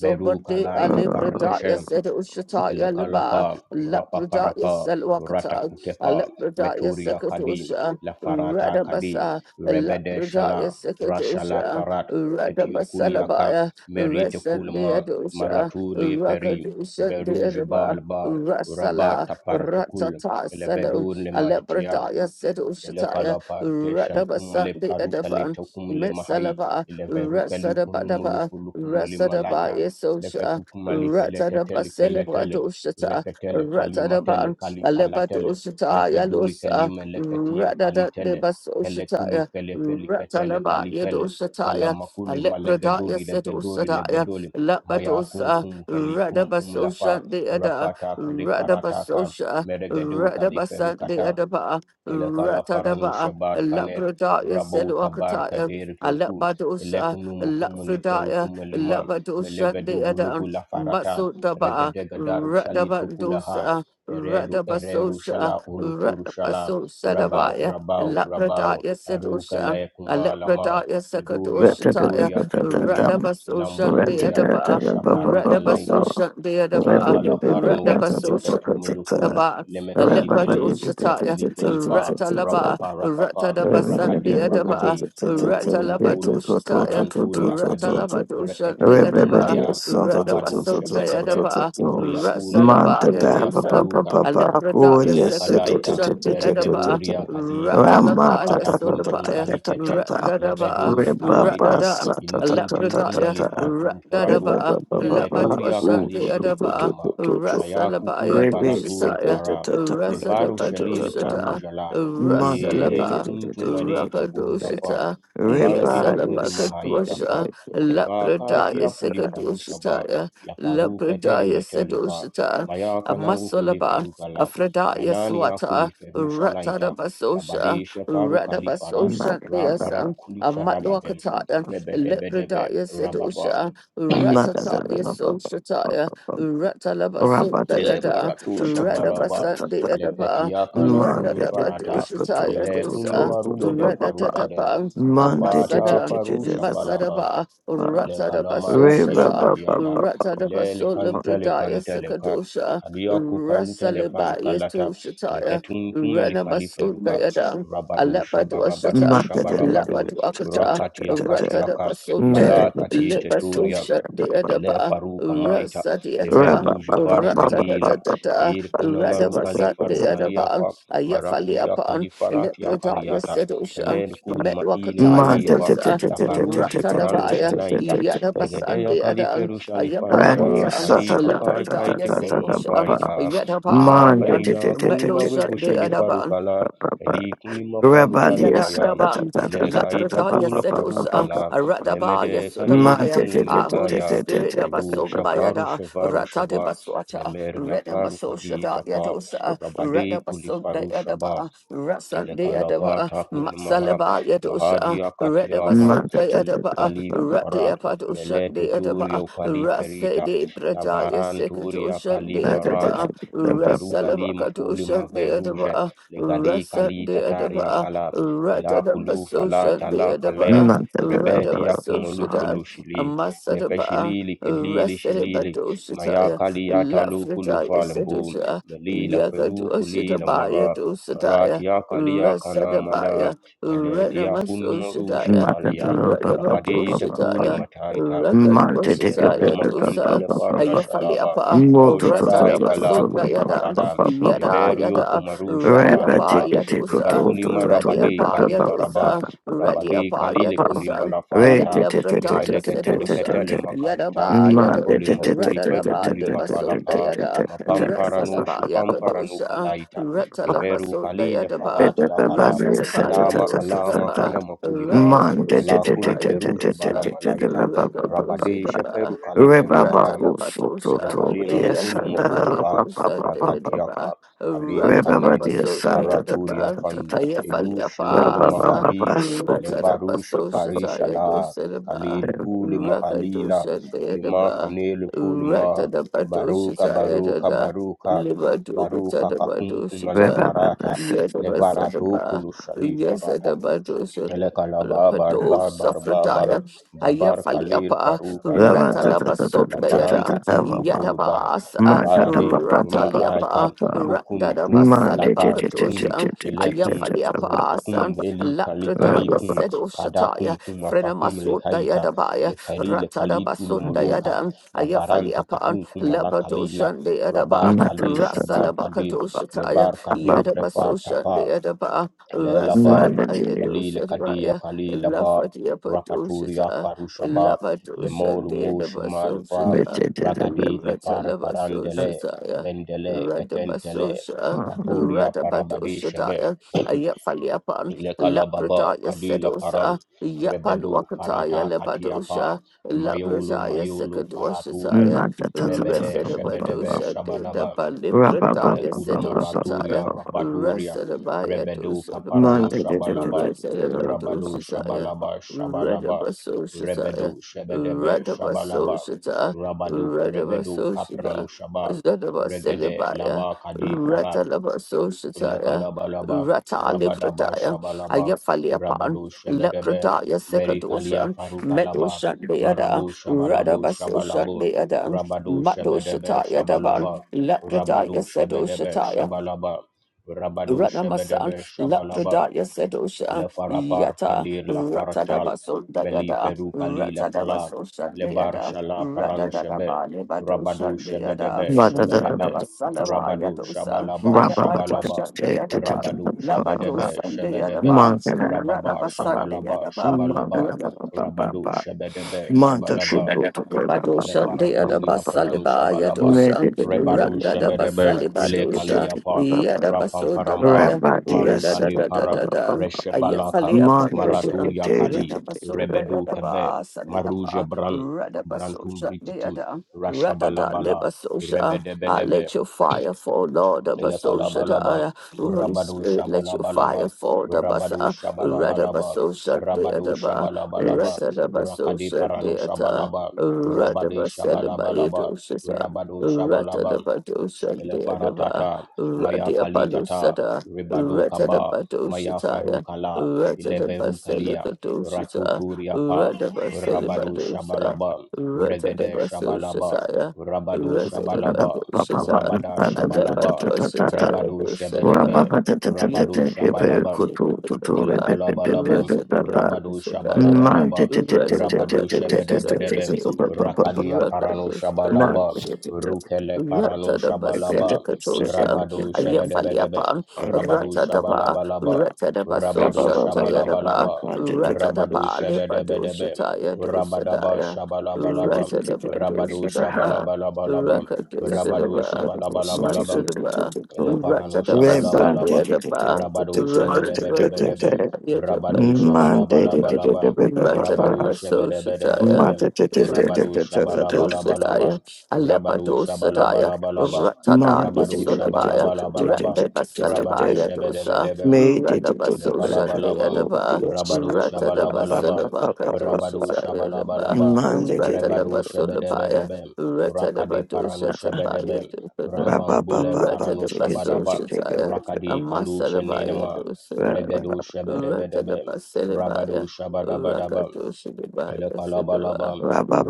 veru kalaita
Ali
parneshe
Pradaya, said Ushataya Liba,
Lekalapa,
Lapradaya
Rapaparapa,
Selwakata,
Ratakutepa,
Alepradaya
Meturia Kadim,
Sekadusha,
La Farata Kadim,
Radabasa,
Rebede
Lapradaya
Shala, Rashala
Sekadusha,
Farat, Ketiokuliaka,
Radabasalabaya,
Merite
Resan
Kulma,
Deadusha,
Maratuli Peri,
Rakadusha
Veruj
Deadaba.
Balba, Rabat
Rasala
Apartukul,
Ratata Sedum
Levedun Lematitia,
Alepradaya Sedushataya
Lekala parte
Radabasa
shalkumale
de
farukale
Edavan,
tokumule mahai.
Metsalaba,
Leverukali kunumulu
Rasadabadaba,
fulukumuli
Rasadaba
malata.
Yesosha,
Lefetukumali
Ratadaba
feletetele
Celebra
keletele.
Doshata,
Repetele kalimatele
Ratadaba, Aleba
kalifalatele.
Doshata
Lefeduli
Yalosa,
kalime leketia
Radada de
kalitele. Kelekuli
Basoshataya,
kelefeli ketele
Ratalaba
kalitele.
Yedoshataya,
Kalamakuli
Alepradaya
malegadori legadori
Sedosadaya,
legadoli. Maya kum
Lapadosa,
kum keli kum kum lafa.
Radabasosha de Eda,
Rafata kulifarataka.
Radabasosha,
Meregedu
Radabasa de
kaliferukata
Edaba,
elekala
Ratadaba.
paranusha bar kaner
Labradaya
rabau kabar
Seluakataya,
kader leukum
Alabadosa,
elekunum kumuli feru
Lafredaya, a
kumalima
Labadosha de
melevedugu lugu
Adam,
la farata
Matsudaba,
regedega daru shalitu kulaha
Radabandosa,
eredu ereru shala
Radabasosha,
ulufuru shala
Radabaso
rabau
Sadabaya,
rabau rabau
Labradaya
ariuka
Sedosha,
layekuma lama
Alapradaya
kaduria
Sakadoshataya,
kaduria kaduria
Radabasosha de
ilamburia
Adaba,
ashaparuka laita
Radabasosha de Adaba,
Elekala parano,
Radabasosha
lefetu melukul,
Kaba, a
lemekali
lepa to
feli,
Ushataya,
lefeli
a
kelifa,
rata laba,
rapapa
a
rapapa,
rata da basa
rakade
de
rakade,
adaba, a rata
mokulu
laba to
mokulu,
Ushataya, a
maranturi
rata
akadi,
laba to Ushan de adaba, a
ereketuntumbaya,
rata
rabado
basa de
shebedebe,
adaba, a
ulia
rasa
ulia,
laba ya
ulia
dosa,
faluka,
a lepra da ya
Ele
seka to
kadaita
Ushan de adaba,
merigedoria kadita
rata laba ya soda ba
rapatatuntum
ya,
kalitete
Ramata
rata da ba,
levedur
rata
Rebaba
kalaita
da,
sa ta
a
ta ta
lepra
ta
da
inukuntunkum
ta
ya,
ta.
alifantum
rata da
paratu
ba,
Rebaba ba
a
ba
lepa to
ba.
leveturia
Ushan
Ooh,
de
to to
kalishili
adaba.
to to
kanama
to to to.
mayakukuli
Rasalabaya
Rebe se
faratul
ta
Dushataya,
ta
para
ta ta ta
levaru
ta
Rasadaba
ta
shalil
ta ta.
Dushata,
farujala
Monte
ehin
de de
Rasalaba,
de
kuntum
de de de
adita
Raka
de de.
kundafat
Dushata,
marantia
Reba
kundi
yes.
Yasalabaka
mahaita fa
Dusha, Lapradaya
levakatia
Reba
kulifarusha
yes.
ba
Sekadushataya,
la faruka tele
Lapradaya
metele pa
Sedushata,
mayaka na ukele
Amasolaba, Afradaya
Renani
Swata,
Akuli Ferusha Laita,
Ratadabasosha,
Rabadesha Parukali Para,
Radabasosha
Mata da da
Raparab
ba
Deasa,
Kuli
ba
Farabadem,
Amatwakataya,
ba.
Rebedebedebe,
Lepradaya
Rababa,
Sedusha,
Mata da da
Ratataya
ba ba ba ba
Soshataya.
ba ba.
Ratalabasu
Raba da da
eleparatu
da da
Dayada,
da da
Paratusha
da da
Baraba,
Radabasan
da da.
Deadaba,
Leketiaka Kuni
Monday,
Farata,
Radadabadushataya
Mele Kuni
dosa,
Marugede Farukadem,
Radatapa,
Monday,
Rabata
Amasada,
Farusha Balaba,
Masadaba,
le
Ratadabasu
kalamarat ya
Shata,
River,
kadiata ile le
Ratadabasu
kante le
Libradaya
kante le ka
Sakadosha,
kadia ku kante le parikalata
Rasalibaya
le
Toshataya,
ketum tume le
Ranabasu
kaliferuka
Dayada,
rabado shabarabado
Alapaduashata,
shabarabado
Alapaduakata,
rakati ya kati yaka
Ratadabasu Taya,
malakati
Libasu
teturia
Shat
le
Deadaba.
faruka maita le
Rasadiata,
veruji var kalila
Ratadadada,
hir kuna maruka li
Radabasat de
faruka
Monday,
Adaban,
liafa marakudia
Ayafaliapan,
kalifarati ya
Lepredaya
kaliata
Sedoshan,
kelen kudi maine
Medwakataya
Man, t-
maliva
t- t-
Dosa,
t- t- t-
la
t- t- t-
varushi
t- t-
paranusha
Ratadabaya,
t- t-
laita
t- t-
Yadabasan
legedeya
de Adan,
kaliferusha
Rani,
lifarusha
Ayapaluatan,
sa- ta
kalika
ta ta
kai
ta ta
Labradaya
kaite
ta ta
kunu
ta ba-
Sedoshan,
ba.
mafaita lima
Man, t-
Yadabayan,
t- t-
aya
t- t-
kuni
t- t- t-
Medoshat de
maregushi
t-
Adaban,
lifaruka la
ba- ba- ba.
kali kuni mafaruka
Rabadi,
lima
sa-
ya
ta ta
Yadadabam,
ta ta
ile
ta ta ta
kaita
Lakrata
ba-
kula
ba- ba- ba-
faruka
ba-
Yasedosa,
ba-
la
ba- ba.
Radaba
lemede
Man,
kali
Yasodabaya,
t- t- t- t-
kunima
Ah,
t-
Holy
aya.
t- t- t-
Spirit
Rebu
t- ba- ba.
Shavaru
Dabasobayada,
Shevaru
Rata de
Shava
Baswata,
Lemer
Reda
Lafaru Kadi
Masoshada
Tapa
Yadosa, Reda
Rabade
Basunda
Kulifaru Shaba
Yadaba, Rasan de Yadaba,
Lekalapata kunimaha
Matsalaba
mahadi
Yadosa,
akati
Reda
yaka
Man,
Basunda
t- t- t- t- t-
Yadaba,
gali
ba- ba.
farad
Radia Padosha
mele
de
tuturi
Yadaba,
ukali
Rase
ferita
de Braja
lavaran varanturi
Yasekadosha
akali
de
Man, t- t-
marata
t-
Yadaba,
t-
le
t- ba- ba.
veruga lima uli
Rasalabakadosha de
maveruje
Yadaba,
le gali
Rasa
kali
de
tatari
Yadaba,
akala ila
Radadaba
kulu fala
Soshan de
tala kale
Adaba,
Man, t- t- t- ba-
rebeti
ba-
Radaba
ya
ba- ba-
kumulu
ba.
Soshada,
fulu shili le
Amasadaba,
feshili likilili
Rasadaba
shilili maya
Doshataya,
kali ya talu kulu
Lafradaya
falembu
Sedusha,
melila feru kulila mara
Yagadoshadabaya Dosadaya,
marati ya kalia kana mana
Rasadabaya,
meleti ya
Renama
kunmorushi
Soshadaya,
Man, t- t- t-
falia
ba-
Radaba
ba- ba-
rabadi
ba- ba- ba.
takuli
Doshadaya.
mataita
Mante de que pe
Rakadoshataya
Lekalama
pe pa pa
dosa
kantele
pa pa
parana
pa.
shalaba.
ayafaliapa
Mo
El
to to to
Shaddai
to
rasadaba
to
kala
to la
kuli
pa pa
sundayada
pa
farada.
pa pa pa
yada
pa
Liverio
pa.
yada
kumarusha
Rabba
radiapa
balapa.
ticka ticka
yadosa
to
Livakuli
to to to
Ready
la
marabadi
pa
apa
pa
kali
pa pa pa
faraba.
yadosa,
pa pa pa pa
ready
Rabadi
pa
apa
pa
kalile
pa.
kuli
yadosa,
Re
ayat
malafarata.
te te te te
labrata
te te te
Limeleketele
te te
yasedosa,
ketele
te.
makalita.
yadaba
Ma
yado,
te
Lagoli
te te te
maguli
te te te
radadaba
te
feduguli
te te
debasunda
te te
mafalapa.
te
yada,
te te te te
Mapamparanu
pa
resalaba
pa pa
shipamparanu
yakadosa,
kalaita.
pa pa.
Liveru
retalabasunda
kalile
Re pe
yadaba,
pe
farati
pa pa
akala.
re se
resadaba
ta ta
Alama
ta ta
yadosa
ta
alama
ta.
daba,
kana makulima.
Man, de de
rakadosa
de
daba
de
Malakuli
de de
feruji
de
bala
yadosa,
de de de da ba
malaita.
ba ba ba ba
rakadosa
Rabade
ba.
Sheperu
daba,
Kali
Reba ba
Perugadam,
ku su tu
ratalabadosa,
tu
Lekalina
dia
Mukulu
santa
yesadaba
da da
Mufulupa,
ba ba
yadosa
ba ba ba ba.
deba,
Rakatiaka, Kalil
Reba ba
Kanelu,
dia
ratalabasunda
santa da da
Araturia
yadaba,
da da
Fan,
da da.
Ayafalia
Ilush Nur
Reba ba
Pasa,
ba ba
Mahadib,
su tu ba
Rakadaba
ba
Levarush
ba, ba tu.
Soshataya
Farishala,
Dosadaba,
Kalil Kuli Mahalila,
Rakadosha
Lima
Deadaba,
Kanelu Kulma,
Ratadaba
Baruka
Doshataya
Baruka
Dada,
Baruka, Baruka
Libadukatadaba
Kakunkumala
Reba
Doshata,
ba da
malafarata
sa da
Yadaba
da ba
Levaratu
Sadaba,
Kulu
da.
Shali Farata.
Yasadaba Doshata.
Elekala babar
Pato
babar babar
Safradaya,
babar kalir
Ayafaliapa,
faruka la
Reba da
paral
da da da
la
da
Ratalabasunda
da da
parante
da
Yadam,
da
kulu
ba ba.
mufulu bah
Yatabasa,
Ma da da
radi
ba ba ba
ma
ba ba ba
aikam
Rataliapa,
ba.
hukuntum
Randadaba
Man,
la patikum
Salabakatosha,
ilekum
Ayafaliapaasan,
rukukum eli kali
Lapradaya
kalikum
Sedo Shataya,
kadakum kum afakum le
Frenamasot
haita
Dayadabaya,
le peri le kalitu
Ratadabasot
lumuluka
Monday,
Dayadan,
la baranta
Ayafaliapaan,
katum kum la kalila
Labadoshan
rabat
Dayadaba,
kali shabar kadir le
Rasalabakadoshataya,
bar kadur refata
Yadabasoshan
pa
Dayadaba,
Le laba
Rasadabaya
Mali le Kadia
Doshataya,
kali laba Rapaturia
Lafadiapadoshata,
Farushaba, le
Lavadoshan
Lemoru Mushi Malifa,
Dayadabasoshataya,
Ragadi Lepare Parandele,
Ratalabasoshataya,
Bendele Ketentele,
Radabasosha.
Raburia
Radabado
Parabadi Shebe,
Shadaya, Ayafaliapan,
Lekalababa,
Lapradaya
la Paran,
Sedosa, Yapan
Rebedu
Wakataya
Farata Katiapa,
Lebadosha,
Mayolu
Lapradaya
Mayolu Faratule,
Sekadwashataya,
Rebede Shebedebe
Resedabadosha Deda
Shabalaba, le
Balibradaya
kurmaraturia
Sedoshataya,
rabaturia
Resedabaya
rebedo kaparano
Dosadaba,
shabalaba rabado
Resedabadoshataya,
shabalaba shabalaba rebedo
Redabasoshataya,
shebedebe shabalaba
Redabasoshata,
rabado rebedo
Redabasoshata,
kaprano shaba regede
Zedabasiliba.
laba kadi fara
Rata Labaso Shataya,
Ilekalabalaba,
rata
Rabadaba
Ratalabasoshataya, Ratalibrataya,
Shabalaba,
Ayafaliapan,
Rabado Shebedebe,
Leprataya
Merikalia
Sekadoshan,
Farukalaba,
Medoshan Beada,
Marabu Shabalabu
Radabasoshan
Shabalabu,
Beada,
Rabado Shebedebe
Madoshataya
Shabalaba,
Daban,
Rabado
Leprataya
Shebedebe
Sedoshataya,
Shabalaba, Rabado
Ranamasan,
Shebedebe Shabalaba,
Lapradaya Sedosha,
le farapar
Yata,
kadir la paratal meli
Ratadabasundayada,
feru kali la fala le bar
Ratadabasoshandayada,
shala paranu shebe
Radadadaba,
rabadu shebe
Lebadoshandayada,
debe shebe lebe
Radabasalava
rabadu
Yadosan,
shabalaba shabalaba
Ayabadwashandayadaba,
rabadu shebe debe shebe debe
Labadoshandayadaba,
Manda da ba
rababa
ba ba.
shabalaba
Manda
shabalaba
da
Radabasandayadaba.
ba ba ba ba
rabadu
ba.
shebe debe
Manda do do do do ba ba
le
Badosha,
ba ba
Deada
ba
faraturia
ba.
pranu
Basaliba,
shabalaba
Me de
Yadosha,
de de de de
rebado
ba
Randa
ba
da
shebedebe
ba.
Basaliba
Se
ile
ke te
dosha,
te ke
kaliapa
ba ba.
Yada Baso
Ra
rapamparampa
Dabaya,
ba de ya
Rada
maruka
se
da
de
de
da
ba
da
para
da
ba ba
da,
ba.
reshe balaka
Ayafalia
Manda de de
Padosha,
maraturia
de de
kali
de
Rada
de
Baso
de de ba
rebedo
Dayada
ba.
kebe maruje
Basalipa,
bran
Rada
brantum
Basosha,
brititim
Deada. Rada da de
rashabalabala
Basosha, I
rebedebedebe
let your fire fall, Lord the Basosha da
Elekalabalaba,
ah, Holy
Rabadu
Spirit, let your fire
Shabalabalaba,
fall, the
Rabadu
Basa, Rada
Shabalabalaba,
Basosha,
Rabadu
Deada Ba,
Yes.
Shabalabalaba,
Rada da
Rakadi
Basosha,
Paranu
Deata.
Shabalaba, Rabadi
Radaba Salabaya
Shabalabalaba,
Doshata,
Rabadu Shabalaba,
Ratadaba Doshandeva,
Elefaratata, Maya Kalitata,
Radiapalusada,
Ribadu Kaba,
Ratadaba
Maya
Doshataya,
Farukala,
Ratadaba
Ileverukalia,
Selika Doshata,
Ratuturiapa,
Radaba
Rabadu
Selibadosa,
Shabalaba, Regede
Ratadaba
Shabalaba,
Soshataya,
Rabadu
Da da da
Ratadaba
Shabalaba,
ba ba ba.
Doshata,
Rabada
Da da da da
Alaba
da
Shabalaba,
da da da da.
Doshataya
Rebadu
Ra ba
Shebedebe,
Dosadaba,
ba da da da da da.
Rabadu
Ke
Yatadaba
pe
Shabalaba,
ku tu tu tu re
Doshata,
pe pe pe pe
Elekalabalaba,
pe ba
Ratadaba
ba.
Rabadu
Doshadaya.
Man, t-
Shabalabalaba,
t- t- t-
Rata
t-
da
t- t-
Rabadu
bata
t- t- t- t- t- t-
usadaya
Shebedebedebe,
deva.
bu- bu- bu- bu-
Rakadia
bu-
Rata
Parano
dosta
man,
Shabalaba,
t- t- t- t- t- t-
deva.
t- t-
Rukele
Rata
Parano
da
t-
basela
Shabalaba,
t-
katosha.
Rabadu
Aya
Shebedebedebe,
faliapa.
t-
Rabadu
Rata da ba.
Shabalabalaba,
t-
Rata da
Ba-
baso
ba-
rabado
ba- ba- ba-
shantaya
ba- ba-
da ba.
Shabalabalaba,
ba- t-
Rata da
Rabadu
ba le batosha
Shebedebedebe,
taya
Rabadaba
dosadaya.
Shabalabalaba,
Rata da
Rabadu
batosha da ba.
Shabalabalabalaba,
Raka dosha da
Rabadu
ba.
t-
Shabalabalabalaba,
Masa da ba. Rata
Eleparano
da baso
shabalabalaba.
deva da ba.
Rabado
Rata da
shebedebedebedebe.
batosha da ba.
Rabado
dosa da ba.
shabalabalabalaba. Rabado
Ratadabasoshitaya,
shebedebedebedebe. Rabado shabalabalabalaba.
Monday,
Dosadaya,
Rabado
Alepadosadaya,
shabalabalabalaba.
Ratadaya
Mando
Rabado
de de de de
Sulabaya,
de de de de de
shabalabalabalaba.
de de
Rabado
de
Randebasalabaya Dosa,
shebedebedebe.
me de de de de de
Elakalabalabam,
oh
Radabasoshandayadaba,
Dios
Rabadu
ba ba ba ba
Shabalabalabam,
ba ba
Ratadabasalabaka
ba
Rabadu
Dosatayadaba,
Shabalabalabam, Rabadu
Ratadabasulabaya,
Shabedebedebem, Rakadi Parano Shabedebem,
Ratadabadoshatabaya Dosada,
Rambambule Parano Shabadabam,
Ratadabasoshataya,
Rakadi Kandu
Amasalabaya
Shenenema,
Dosadaya,
Regedu Shabedebedebem,
Ratadabasalabaya,
Rabadu Shabadabadabam, Elekalabalaba,
Rakadoshidibayasudaba,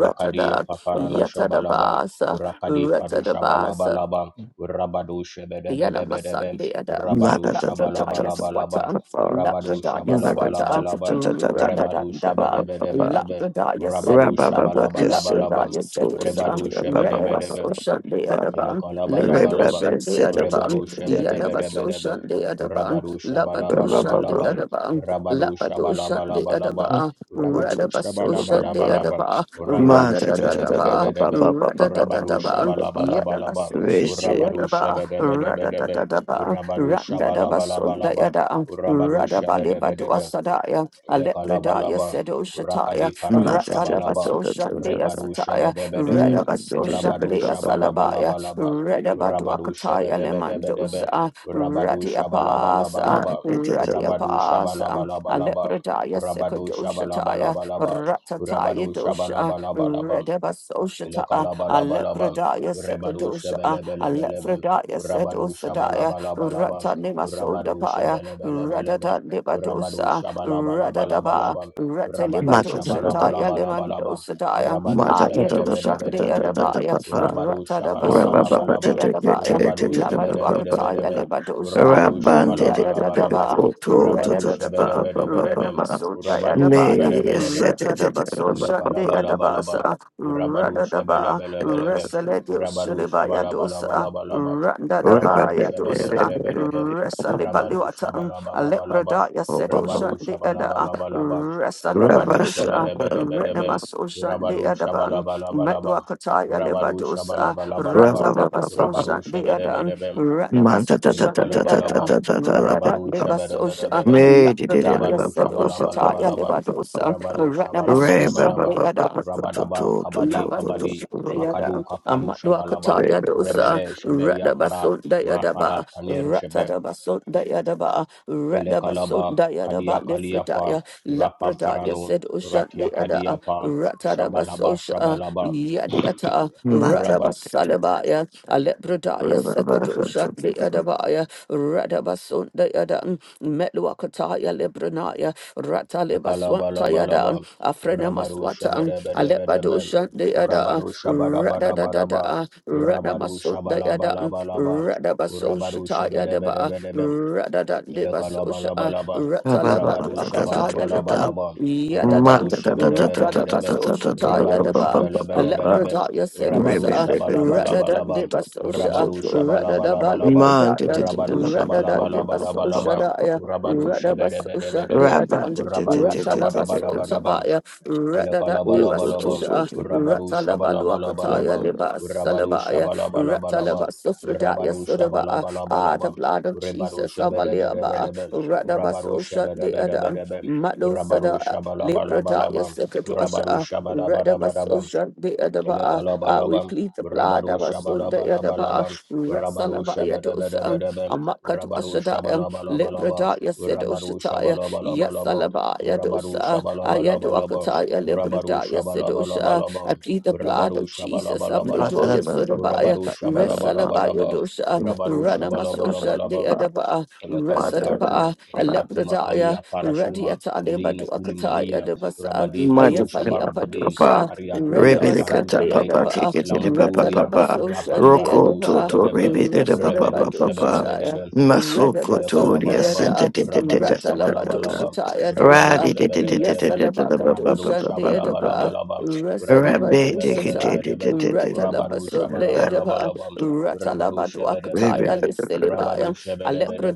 ba
Paparano Shabalaba,
Yatadabasa,
Rakadi Faru
Ratadabasa,
Shabalabalaba, Rabadu
Yana
Shebedebedebedebe,
Masande Ada,
Man,
Rabadu
Labradaya
Shabalabalabalaba,
Swata,
Rabadu
Labradaya Swata,
Shabalabalabalaba, Rebadu
Radadandava,
Shebedebedebedebe,
Labradaya
Rabadu
Sedusa,
Shabalabalabalaba,
Labradaya
Rebadu
Sedusa,
Shebedebedebe,
Redavasoshan de
Monday,
Adaban,
Ma ta ta ta ta ta ta ba ba ba ba ba ba
Elokalabalaba,
Levadoshan de Adaban,
Rebadu Shabadabadabadaba,
Yadavasoshan de Adaban,
Rabadu
Labadoshan de
Shabalabalaba,
Adaban,
Rabadu
Labadoshan de
Shabalabalabalaba,
Adaba,
Rabadu
Radavasoshan de
Shabalabalabalaba,
Adaba,
Rabadu
Radadadadaba,
Shabadabadabadaba,
ba ba
Rabadu
Radadadadaba,
ba ba.
Shabalabalabalaba,
Yadavasoshan.
Rishi
Rabadu
Yadaba,
Shabadabadabadaba,
Radadadaba,
Rabadu
Randadaba Sunda
Shabalabalabalaba,
Yada,
Rabadu
Radabaliba to
Shabadabadaba,
Asadaya, Alepredaya
Ilekalabalaba,
Sedo Shataya,
Rakadi Parano
ma ta ta ta
Ratalaba
ta
Shabalaba,
So
ta ta ta
Shandaya
ta.
Repadu
Sataya,
Shebedebedebe,
Radaba So
Ma ta ta
Rabadu
ta ba
Shandaya
ba ba ba.
Salabaya,
Shabalabalabalaba,
Radaba to
Rabadu
Akataya
Shebedebedebedebe,
Lemandosa,
Rabadu
Radiapasa,
Shabalabalabalaba, Rabadu
Radiapasa,
Shabalabalabalaba,
Alepredaya
Rabadu
Sekado Shataya,
Shabalabalabalaba, Rabadu
Ratataya Dosha,
Shabalabalabalaba,
Radaba So Shataya,
Ilakalabalabalaban,
Alepredaya
Rebadu
Sekadosha,
Shabelebelebeleben,
Alefredaya said
Rabadu
Osadaya,
Shabalabalabalabam,
Ratanima
Rabadu
Sodapaya,
Shabelebelebeleben,
Radada
Rabadu
Libadosa, Radadaba,
Shabalabalabalabalaban, Rabadu
Ma ta ta ta ba. Ma ta ta
Ratelibadosa
ta ta ba.
Taya
Shabalabalabalabalaban,
Limandosadaya,
Rabadu
Ma ta ta ta ta ta
Ayadosha
ta ta
de
ta ta ta
Shabelebelebeleben,
ta
Adabaya,
ba ba.
Rabadu
Ra
Ratadabaso
ba ba ba ta
Shande
Shabalabalabalabam,
ta ta ta
Adabaya,
Rabadu
ta ta ta ba ba ba
Labaduakataya
ba.
Shabelebelebeleben,
Libadosa.
Rabadu
Rabandere
Shabalabalabalabam,
Radadadaba,
koto to
Rabadu
to to ba
Radadadaba,
ba ba ba
Shabelebelebeleben,
ba.
Renamaso
Rabadu
Diadabaya,
Me
Shabelebelebeleben,
set it it ba
Ratadabaso
ba ba
Shande Adabasa,
Ilekalabalabalaban. Urabadu shabelebelebeleben.
Resale
Urabadu
Shiribaya Dosa,
shabalabalabalabalaban. Urabadu
Randadabaya Dosa,
shabelebelebeleben.
Resale
Urabadu
Baluatan,
shabalabalabalabam.
Alepradaya Sedosha
Urabadu
Deada,
shabalabalabalabam.
Resale
Urabadu
Badosha,
shabelebelebeleben.
Renamasosha
Urabadu
Deadaban,
shabalabalabalabam.
Medwakataya
Urabadu
Lebadosa,
shabalabalabalabam.
ba ba ba.
Urabadu
Ratalabasosha Deadan,
shabelebelebeleben.
Manta ta ta
Ranamasosha
ta ta ta ta
Deada,
Ilakalabalabam,
ta ta ta la pa
Radada
Rabaru
pa.
Lebasosha,
Shabarabarabam,
Me di di di la
Lapradaya
pa
Rabaru
pa pa pa
Sedosha
pa
Taya
pa pa
Shabalabalabalabam,
pa pa.
Lebadosa,
pa.
Rabaru
Re ba
Ranamasosha
ba
Shabalabalabalabam,
ba ba
Deadan.
ba to
Rabadaba
to to to
Kabadi
to to
Labadosa
Kabadi,
to. to.
Yada
Makadu Kafaru
Amadwakata
Shabalaba,
Ma
Yadosa
Rebede Sheberia Farad,
Radabasunda
Ma Farad
Yadaba
Kaneru Shebe,
Ratadabasunda Yadaba
Ilakalaba,
Radabasunda Yadaba
Kadia Kaliafa,
Lifridaya
Rapa
Lapradaya
Paranu,
said Ushandi
Ratia
Yada
Kadiapa, Shabalaba
Ratadabasosha
Shabalaba,
Yadiata
Rabba
Radabasalabaya Alepradaya Sekadoshandi Yadabaya Radabasunda Yada Metwakataya Lebranaya. Rataleba Swanta Yada,
Kalabalabalabam.
Afrena
Rabadu
Maswata, Alepado
shabadabadabadabam.
Shante Yada,
Rabadu
Rada da da
shabadabadabadabam.
da, Rada
Rabadu
Masunda Yada,
shabalabalabalabam.
Rada Baso
Rabadu
Shata Yadaba,
shabadabadabadabam.
Rada da Deba Sosha,
Elekalabalaba,
Rataleba do
Rabadu
Akata Yadaba,
Shabalabalaba,
Yada da,
Rabadu
Rata da
Shabalabalaba,
Baso Shata
Rabadu
Yadaba,
Shabalabalaba,
Alepreda
Rabadu
Yasedosa, Rada da
Shabalabalabalaba,
Deba Sosha,
Rabadu
Rada da
Shabalabalabalaba,
Balepredaya,
Rabadu
Rada da Deba
Shabalabalabalaba,
Sosha
Rabadu
Radabasosha de
Shabalabalaba,
Adam,
Rabadu
Ratalabaso
Shabadabadabadaba,
sabaya Radada de
Elekalabalabam,
Basosha,
Rabadu
Ratalaba Luakataya
Shabalabalabam,
Liba
Rabadu
Salabaya,
Shabalabalabam,
Ratalaba Sufradaya
Rabadu
Sudaba, Ah, the
Shabalabalabam,
blood of
Rebadu
Jesus, Avaliaba,
Shabedebedebedebem,
Radaba
Rabadu
Sosha de Adam,
Shabedebedebedebem,
Mado
Rabadu
Sada, Libradaya
Shabalabalabam, Rabadu
Sekatuasha, Radaba
Shabadabadabadabam,
Sosha de Adaba, Ah, we
Elekalabalabam,
plead the blood
Rabaru
of us on the Adaba,
Shabalabalabalabam, Rabaru
Ratsalabaya dosa,
Shabadabadabadabam,
Amakatu
Rabaru
Ashadaya,
Shabalabalabalabam,
Libradaya
Rabaru
Sedoshataya,
Shabalabalabalabam,
Yasalabaya
Rabaru
dosa,
Shabalabalabalabam,
Ayaduakataya
Rabaru
Libradaya Sedosha. I
Shabalabalabalabam,
plead the blood
Rabaru
of Jesus.
Shabalabalabalabam,
Aprodoya Sodabaya,
Rabaru
Resalabaya
Shabalabalabalabam,
Dosha,
Rabaru
Ranamasosha
Shabalabalabalabam,
Deadaba,
Elekalab
Roko
Hartum,
Resadaba,
toto
Repatuma
Alepradaya,
Kalia Parashuma,
Radiatale
Melina Kuli
Baduakataya
Malina,
Debasa,
Rabade Farusha
Ayafalia
Barabade,
Padosha,
rebe
Kariaturia
de
Redabasa
Faruja Laita,
Deadaba,
de
Lamburia,
papa
Retanabasosha
Rabam
Rocco,
Barabu
Deadaba,
Toto,
Shebedebe,
Rebidita, papa
Rebedu
papa
Resadabadosha.
Shebedebedebe,
masoko toria
Lekalabalabam,
sente
Redabasundayada,
de de de
Rabadu
de de de de de
Ratalabadosha
Shabalabalabam,
Taya
Rabadu
Dosa,
radi de de de de de de
Shabedebedebem,
de de papa
Yasalabaka
papa
Rabadu
Dosha
papa
Deadaba,
papa
Shabalabalabalabam, Rabadu
rabbe de de de
Rasadabadusita,
de de
Shabedebedebedebem,
de de de
Rabadu
de back
Ratalabasundayadaba,
Shabalabalabalabam,
to
Rabadu
Ratalabaduakataya
rebe
Shabedebedebem,
Lissilibaya,
Rabadu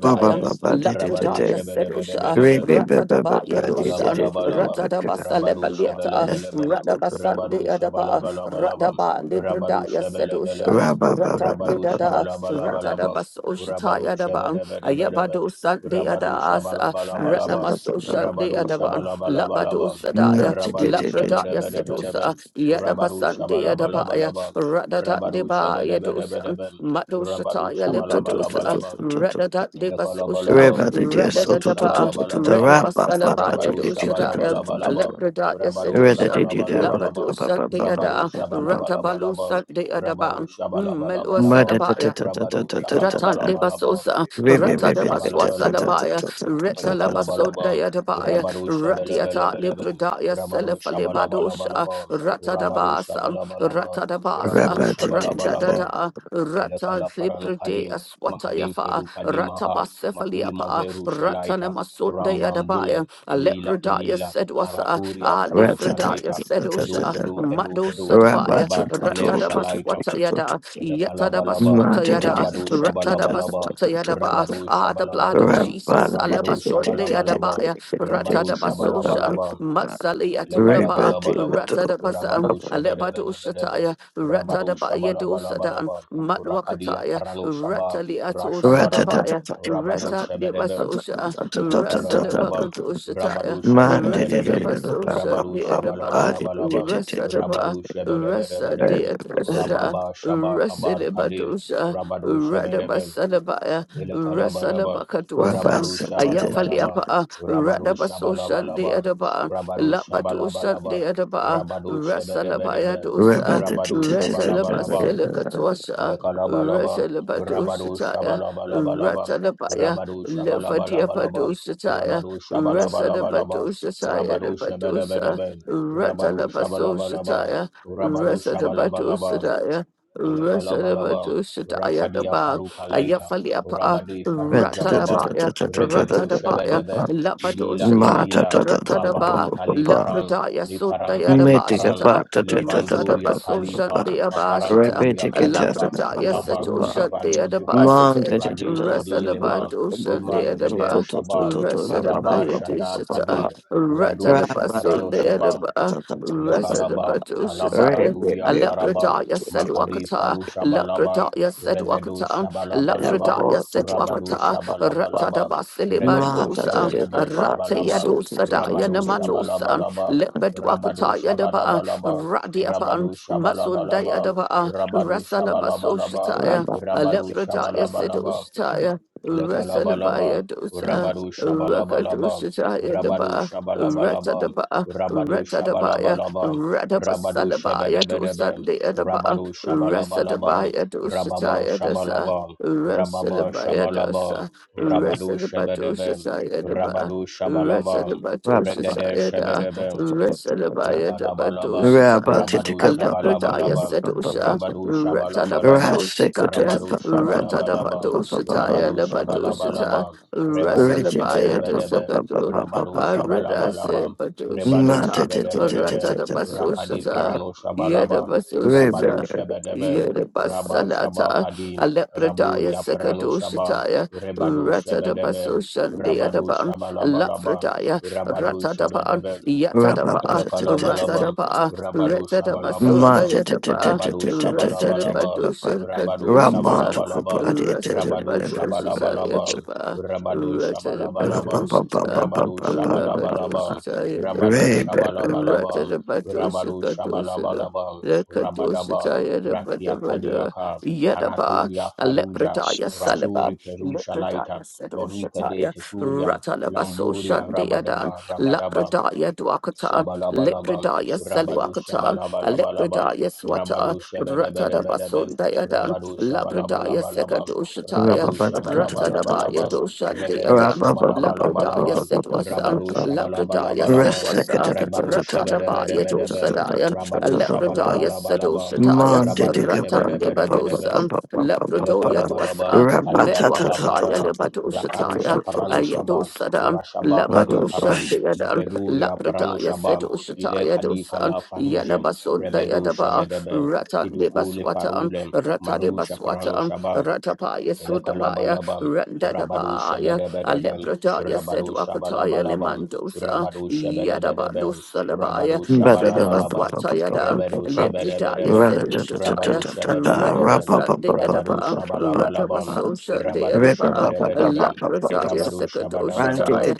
papa papa de de de
Rabadu
Lapradaya
de
Sedusa,
Shabedebedebedebem,
rebe papa
Ratadabaya
papa de de
Dusa,
de de de
Elekalabalabam,
back to
Ratadabasa
Rabadu
Lebalieta,
Shabalabalabam, Rabadu
Radabasandayadaba,
Shabalabalabalabam,
Radaba
Rabadu
Libradaya Sedusa,
Shabalabalabam, Rabadu
Ratadidada,
Shabalabalabalabam, Rabadu
Ratadabasushataya daba,
Shabalabalabalabam,
Ayabado Sunday at the
Rabadu
Asa,
Shabalabalabalabam,
Ratnamaso Sunday at
Rabadu
Aban, Labado
Shabalabalabalabam,
Sadaya,
Rabadu
Labradaya Sedusa,
Shabalabalabalabam, Rabadu
Yadabasunday at Abaya,
Shabalabalabalabam,
Radada
Rabadu
Deba Yadusan,
Shabalabalabalabam,
Mado
Rabadu
Shataya Libadusa,
Shabalabalabalabam,
Radada Debasosha,
Elokolobolobom, Rabadu
Radada Daba,
Shabalabalabalabam,
Redibasalabaya
Rabadu
Dosadaya,
Shabalabalabalabam,
Alepradaya
Rabadu
Sedusa,
Shabalabalabalabam,
Labado Sunday at
Rabadu
the Ratabalu
Shabalabalabalabam,
Sunday at
Rabadu
Aban,
Shabalabalabalabam,
Melua
Rabadu
Ratande
Shabalabalabalabam,
basosa,
Rabadu
ratada baswasa
Shabalabalabam,
labaya, retala basonda
Elokolobolobom,
yadabaya,
Rabadu
radiata
Shabalabalabalabam,
libradaya
Rabadu
selefale badosha,
Shabalabalabalabam,
ratada
Rabadu
basa,
Shabalabalabam,
ratada basa,
Rabadu Shabalabalabam,
randada, rata
Elekala parano kadim,
libradea swata
makadim
yafa,
feru kadimaha, makuli
ratabasefaliapa,
maveru
ratana
shalaita,
masonda
rambambule,
yadabaya,
ilila
lepradaya
ilila,
sedwasa,
araturia
ah
Man,
prano
lifradaya
shalaita,
sedosha,
kedu kedu kedu kedu,
madosadabaya,
rabat kaner
ratada
shalaita,
baswata yada,
elekala
yatada
balaba,
baswata yada,
rabadu shabalabalaba,
Ratadabaswata Yadaba,
rabadu
ah, the blood of
shabalabalaba,
Jesus,
rabadu
Alabasunde
shabalabalaba,
Yadabaya,
rabadu
Ratadabasoshan,
shabalabalaba,
Matsaliatulaba,
Lekalabalabalaban,
Ratadabasan,
Rabadu Shebedebedebedebe,
Alebadushataya,
Rabadu
Ratadabaya dosadan,
Shabalabalabalaba, Rakadia
Matwakataya,
Parano Shaba,
Rataliatul
Rashabaraba,
Sadabaya,
Rabadu Shebedebe,
Ratadibasosha,
Lekalabalabam,
Rasadabakadushataya,
Rabadu Shebedebedebe,
Ratadabasosha,
Rabadu
Deadaba,
Shabalabalabalaba,
Rasadaba,
Rabadu
Rasa
Shebedebedebedebe,
Deadusada,
Rababa Shaba Kabad Kadim,
Rasidibadusha.
Rabadu Shebedebe,
Radabasadabaya,
Ilakalabalaba,
Rasalabakadwasan,
Rabadu Shabalabalaba,
Ayafaliapa,
Rabadu
Radabasoshan de
Shabalabalaba,
Adaba,
Rabadu
Labatoshan de
Shabalabalaba,
Adaba,
Rabadu
Rasalabaya
Shabadabadaba,
Right,
dosa,
Rabadu Shabalabalaba,
Resalabaselakatwasha,
Ilakalabalaba, Rabadu
Resalabadoshataya,
Shabalabalabalaba,
Ratalabaya,
Rabadu Shabalabalabalaba,
Levadiapadoshataya,
Rabadu Shabalabalabalaba,
Rasalabadoshataya, the
Rabadu
Badosa,
Shabadabadaba, Rabadu Shabalabalaba,
Ratalabasoshataya,
Rabadu Shabalabalaba,
Rasalabadosadaya.
Ilakalabalaba,
Rasadabadushataya
Rakadia
Daba,
Faruka Laita,
Ayafaliapa,
Rabadi Faruja Baba,
Ratalabaya,
Regedo
Ratadabaya,
Shebedebe, Ilila
Labadushata,
Ilila, Mavaru
Ratadaba,
Kali Paran,
Lapradaya
le paran
Sundaya
Kadi Paran,
Dabashata.
Levanduria
Ratadabasoshan
Kalipa,
de Abashata,
Kaparanturia Kalipa,
Labradaya
Lavaruja
Satoshan de
Valujeva,
Adabasate,
Radi Kadi Lema,
Rasalabadoshan de
Limaru Geder
Adaba,
Shaba, Rabar
Rasadabaya
Shadar
Dishata,
Kadir, Radur
Ratadabasun
Shaparano
de
Shaba,
Adaba,
ele kalaba kalabara
Rasadabadoshataya.
turi aparaba
Alepradaya said
makadi
Wakata,
farusha shabalaba
Lepradaya said
rebedo
Wakata,
shabalabalaba
Lepradaya said
rabado
Wakata,
shabalabalaba
Ratadaba
Ma
regedo
da da
Silibandosa,
da da
shebedebe
ba do
shabalaba
so do
Ratayadosa
do do do
rabado
do do
Dayanamanosa,
shabalabalaba
uh,
rabado
Lepedwakata Yadaba,
shabalabalaba rabado
Radiapan, Masundaya
shabalabalaba
Daba,
rabado shabalabalaba
Rasalabasoshataya,
rabba da
rabado
da da
Alepradaya
da
said
shabalabalaba
da
Ushataya.
da
Ilakalabalaba,
Rasalabaya
da da, uh,
dosa,
Rabadu Shabalabalaba,
Rakadushataya
Rabadu
daba
Shabalabalaba,
Ratadaba,
Rabadu
Ratadabaya,
Shabalabalaba, Rabadu
Radabasalabaya to
Shabedebedebe,
Sunday at about
Rabadu Shabalabalaba,
Rasadabaya to
Rababa
Satya Dasa,
Shabalaba, Rababa
Rasadabaya
Shabalaba,
Dasa,
Rabadu
Rasadabatu
Shebedebe,
Satya Daba,
Rabadu Shabalaba,
Rasadabatu
rabba ba
Regede
Satya
da da
Da,
da da
Shebedebe,
da da da da da.
Rasadabaya Dabatu
Ilekalabalaba,
Rabba
Satya,
da da
Rabado
da ba ba ba ba
Alepradaya
ba
Shabalabalaba,
ba ba
Sedusha,
ba
Rabado
ba.
Shabalabalaba,
Ratanabasu Satya,
Rasiko da da ba
Rabado
ba ba ba ba
Shabalabalaba,
Ratanabatu
ba ba ba ba ba
Satya
ba
Rabado
ba ba
Nabatu
ba
Satya,
Shabalabalaba,
ba.
Rebado
Rigid
Rasalabaya
da da ba ba
Shabedebedebe,
ba ba
Dasakadu.
ba ba
Rabado
ba
I
ba ba
read
ba
I
ba.
Shabalabalaba,
said, but do
Rebado
Ma da da da da da da
Shabedebedebe,
da ba ba ba
Rakadi
ba
Ratadabasusata,
ba.
Parano Shabalaba, Rabado
Yedabasusata,
Rabba ba
Shebedebe,
ba.
Rabba
Yedabasalata,
Shabakadi,
Alepradaya
Raburia Parano Shabam,
Sekadushataya,
Rebado Shebedebe,
Ratadabasushan
Rabado
Deadaban,
Shabalabalaba,
Lafradaya,
Rabado
Ratadaban,
Shebedebe,
Rabba
Yatadaba,
Ilakalabalabam,
Ratadaba,
Rabadu
Retadabasunda
Shabalabalabam,
Yadaba,
Rabadu Shabalabalabam,
Ratadabadusha
Rabadu
Kadusha.
Shabalabalabam, Rabadu
Ratadabadusha
Shabalabalabam,
Yadaba,
Rabadu Shabalabalabam,
Ratadabadusha,
Rabadu Shabalabalabam,
Ratadabadusha
Rabadu
Yadaba.
Shabalabalabam,
Ratada Badosa
Rabadu
Kadosada,
Shabalabalabam, Rabadaba,
Rekadosataya
Rakia
Badabada,
Kadiaka,
Yadaba,
Araturia Faruja,
Alepretaya Salaban,
Rajuri Perusha
Lepretaya
Laita, Meruka de
Sedoshataya,
Teturiam,
Ratalabaso
Lamburia
Shandeadan,
Rabadaba, Rabadaba,
Lapradaya Dwakata,
Shabalabalabam,
Lepredaya
Rabado
Salwakata,
Shabalabalabalabam,
Alepredaya Swata,
Rabado
Ratadabaso
Shabadabadabadabam,
Dayadan,
Rabado
Labradaya
Shabalabalabalabam, Rabado
Sekadoshataya, Ratadabaya
Shabalabalabalabam, Rebedo
Doshandeadan, Labradaya
Shabalabalabalabam,
Sedwasan,
Rabado
Labradaya
Shabalabalabalabam,
Sedwasa.
Rebado
Ratadabaya
Shabadabadabadabam,
dosadaya,
Rabado
Lepradaya
Shabalabalabalabam,
sedosataya,
Rabado Shabadabadabadabam,
Ratandibadosa, Lepradoya
Elekalabalaba,
dosa,
Kadia
Medwapataya
Kalaparana, Raparusha
lebadosataya,
Paranushaba,
Ayadosadam,
Rabba
Rashaba Kadi Param,
Labadoshandiadam,
Liveduria Paranu
Lepradaya
shabam Ile
sedosataya
Kadi
dosan,
Kalafaruje, Rebedu
Yanabasundayadaba,
Shebedebe, Kiduku
Ratandibaswatam,
Lefarule, Marusha
Ratadibaswatam,
Paranushaba,
Ratapaya sudabaya,
Elekalabalabam, Rabadu
Randadabaya,
Shebedebedebem,
Alepradaya said
Rabadu
Wakataya
Shabalabalabam,
Limandosa,
Rabadu Shebedebedebem,
Yadabadosa
Rabadu
Labaya,
Shabalabalabam,
Fredabaswataya Dan,
Rebedu
Lepradaya
Shebedebedebem,
said
Rabadu
Ushataya,
Shebedebedebem,
Redabasat de
Rabadu
Edaba,
Shabalabalabam,
Radabasosha de
Rabadu
Edaba,
Shebedebedebem,
Lapradaya
Rabadu Shabadabadabam,
Sekadoshataya,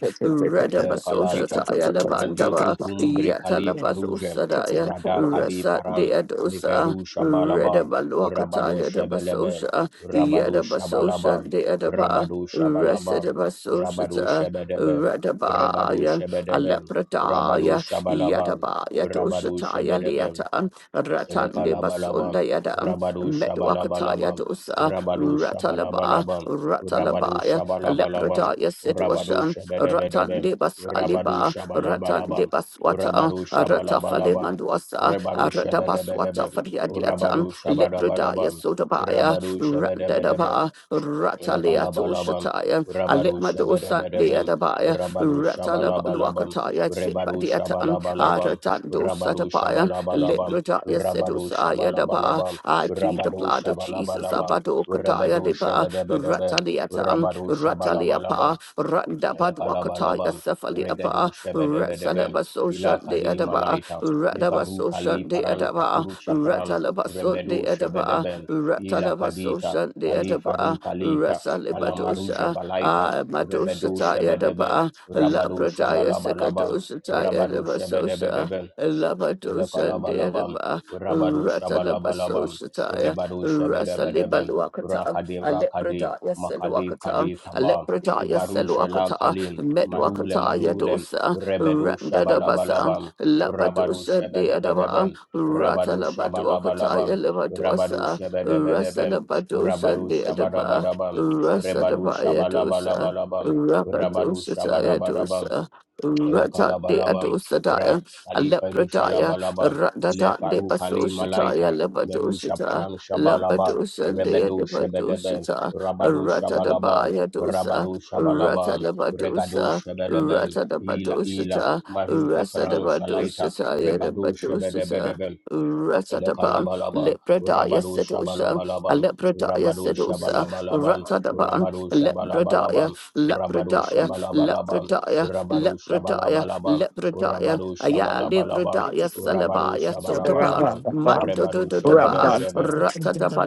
Ele Kalaita,
Redabasoshataya
Randi
Labandaba,
Kuntum Brikali Farujem,
Yatalabasosadaya,
Rada Kadi
Rasa de
Paran,
Edosa,
Liveru Shabalaba, Rabadu
Redabalwakataya de
Shebelebe,
Basosha,
Rabadu
Yadabasosha
Shabalaba,
de Edaba,
Rabadu Shabalaba, Rabadu
Resedabasushita,
Shebedebe, Rebadu
Radabaya,
Shebedebe, Rabadu
Alepradaya,
Shabalaba,
Yadabaya,
Rabadu
Doshataya,
Shebedebe,
Liata, Ratande
Elekalabalaba,
Basunda Yada,
Rabadu Shabalabalaba,
Medwakataya Dosa,
Rabadu
Ratalaba,
Shabalabalaba, Rabadu
Ratalabaya,
Shabalabalaba,
Alepradaya
Rabadu
Sedwashan, Ratan
Shabedebedebe,
de
Rabadu
Basaliba, Ratan
Shabalabalaba,
de Baswata,
Rabadu
Ratafale
Shabalabalaba,
Manduasa,
Rabadu Shabedebedebe,
Ratabaswata
Rabadu
Fariadiatan,
Shabadabadaba,
Lepradaya Sodabaya,
Rabadu Shabedebedebe,
Randadaba, Rataliato
Ilakalabalabam,
Shataya,
Rabadu
Alepmado
Shabadabadabam,
Sandeadabaya,
Rabadu Shabalabalabam,
Ratalabaluakataya,
Rebadu
Sipadiatan,
Shabalabalabam,
Aratando
Rabadu
Sadabaya,
Shabalabalabam,
Lepradaya
Rabadu
Sedusaya Daba,
Shabalabalabam,
I plead the
Rabadu
blood of Jesus.
Shabalabalabam,
Abado Kataya
Rebadu
Deba
Shabadabadabam,
Rataliatan
Rabadu Shabalabalabam,
Rataliapa Randabadwakataya
Lekalabalabam, Regedo
Sefaliapa
Shebedebedebem,
Ratsalabasosan de
Ilakadi
Adaba
Malaita, Livaru
Radabasosan
Kali
de
Paran
Adaba
Tapuru Shapran,
Ratalabason de
Rebedo
Adaba
Shebedebem, Ilakadita,
Ratalabasosan de
Kali
Adaba
Faru Kalita, Kalamaruja
Ratsalibadosa
Balaita,
Ah Madosa
Rebedo
Taya
Shebedebem,
Daba
Rabado
Labradaya
Shabalabalabam,
Sekadosha Taya
Rabado
Deba Sosa
Shebedebedebem,
Labadosa
Ilakalabalabam,
de
Rabadu
Ratalabaso
Shabalabalabam,
Shataya,
Rebadu Shabadabadabam,
Rasalibaluakata,
Rakadi Rakadi,
Alepradaya
Makadi
Seluakata,
Kadi Kaba,
Alepradaya
Livaru
Seluakata,
Shalakalim, Marule
Medwakata
Marule,
Yadosa,
Rebedu
Randadabasa,
Shabalabalabam, Rabadu
Labadosa Deadaba,
Shabadabadabam, Rabadu
Ratalabaduakata,
Shabalabalabam, Rabadu
Elevadosa,
Shabadabadabam,
Rasalabadosa
Rabadu
Deadaba,
Shabadabadabam, Rebadu
Rasadabaya Dosa.
Shabalabalabalabam, Rabadu
Rabadosa Daya
Shabadabadabam,
Dosa, Rata Dea
Elekalabalabam,
Dosa
Rat Kali Feru
Daya,
Shalabalabam, Ile
Radadande
Faru Kali
Basoshataya
Malaita, Meru
Labadoshata
Shaparam Shabalabam,
Labadoshandaya
Rebedo Shebedebem,
Devadoshata
Rabado Shabalabam,
Ratadabaya Dosa
Rabado Shabalabam, Regado
Ratadabadosa
Shebelebem, Ila Ila,
Ratadabadoshata
Maru Kaprano Shalaita,
Rasadabadoshataya
Rebado
Devadoshata
Shebedebedebem,
Ratadaban
Elekalabalabam,
Lepradaya
Rabado
Sedosha
Shabalabalabam,
Alepradaya
Rabado
Sedosa
Shabalabalabam,
Ratadaban
Rabado
Lepradaya
Shabalabalabam, Rabado
Lepradaya
Shabalabalabam,
Lepradaya
Rabado
Lepradaya
Shabalabalabam,
Lepradaya
Rabado
Aya libra
Shabalabalabam,
da ya
Rabado
salaba ya sodaba
Shabalabalabam,
mando
Rebado
do do da ba
Shabedebedebe,
rata da ba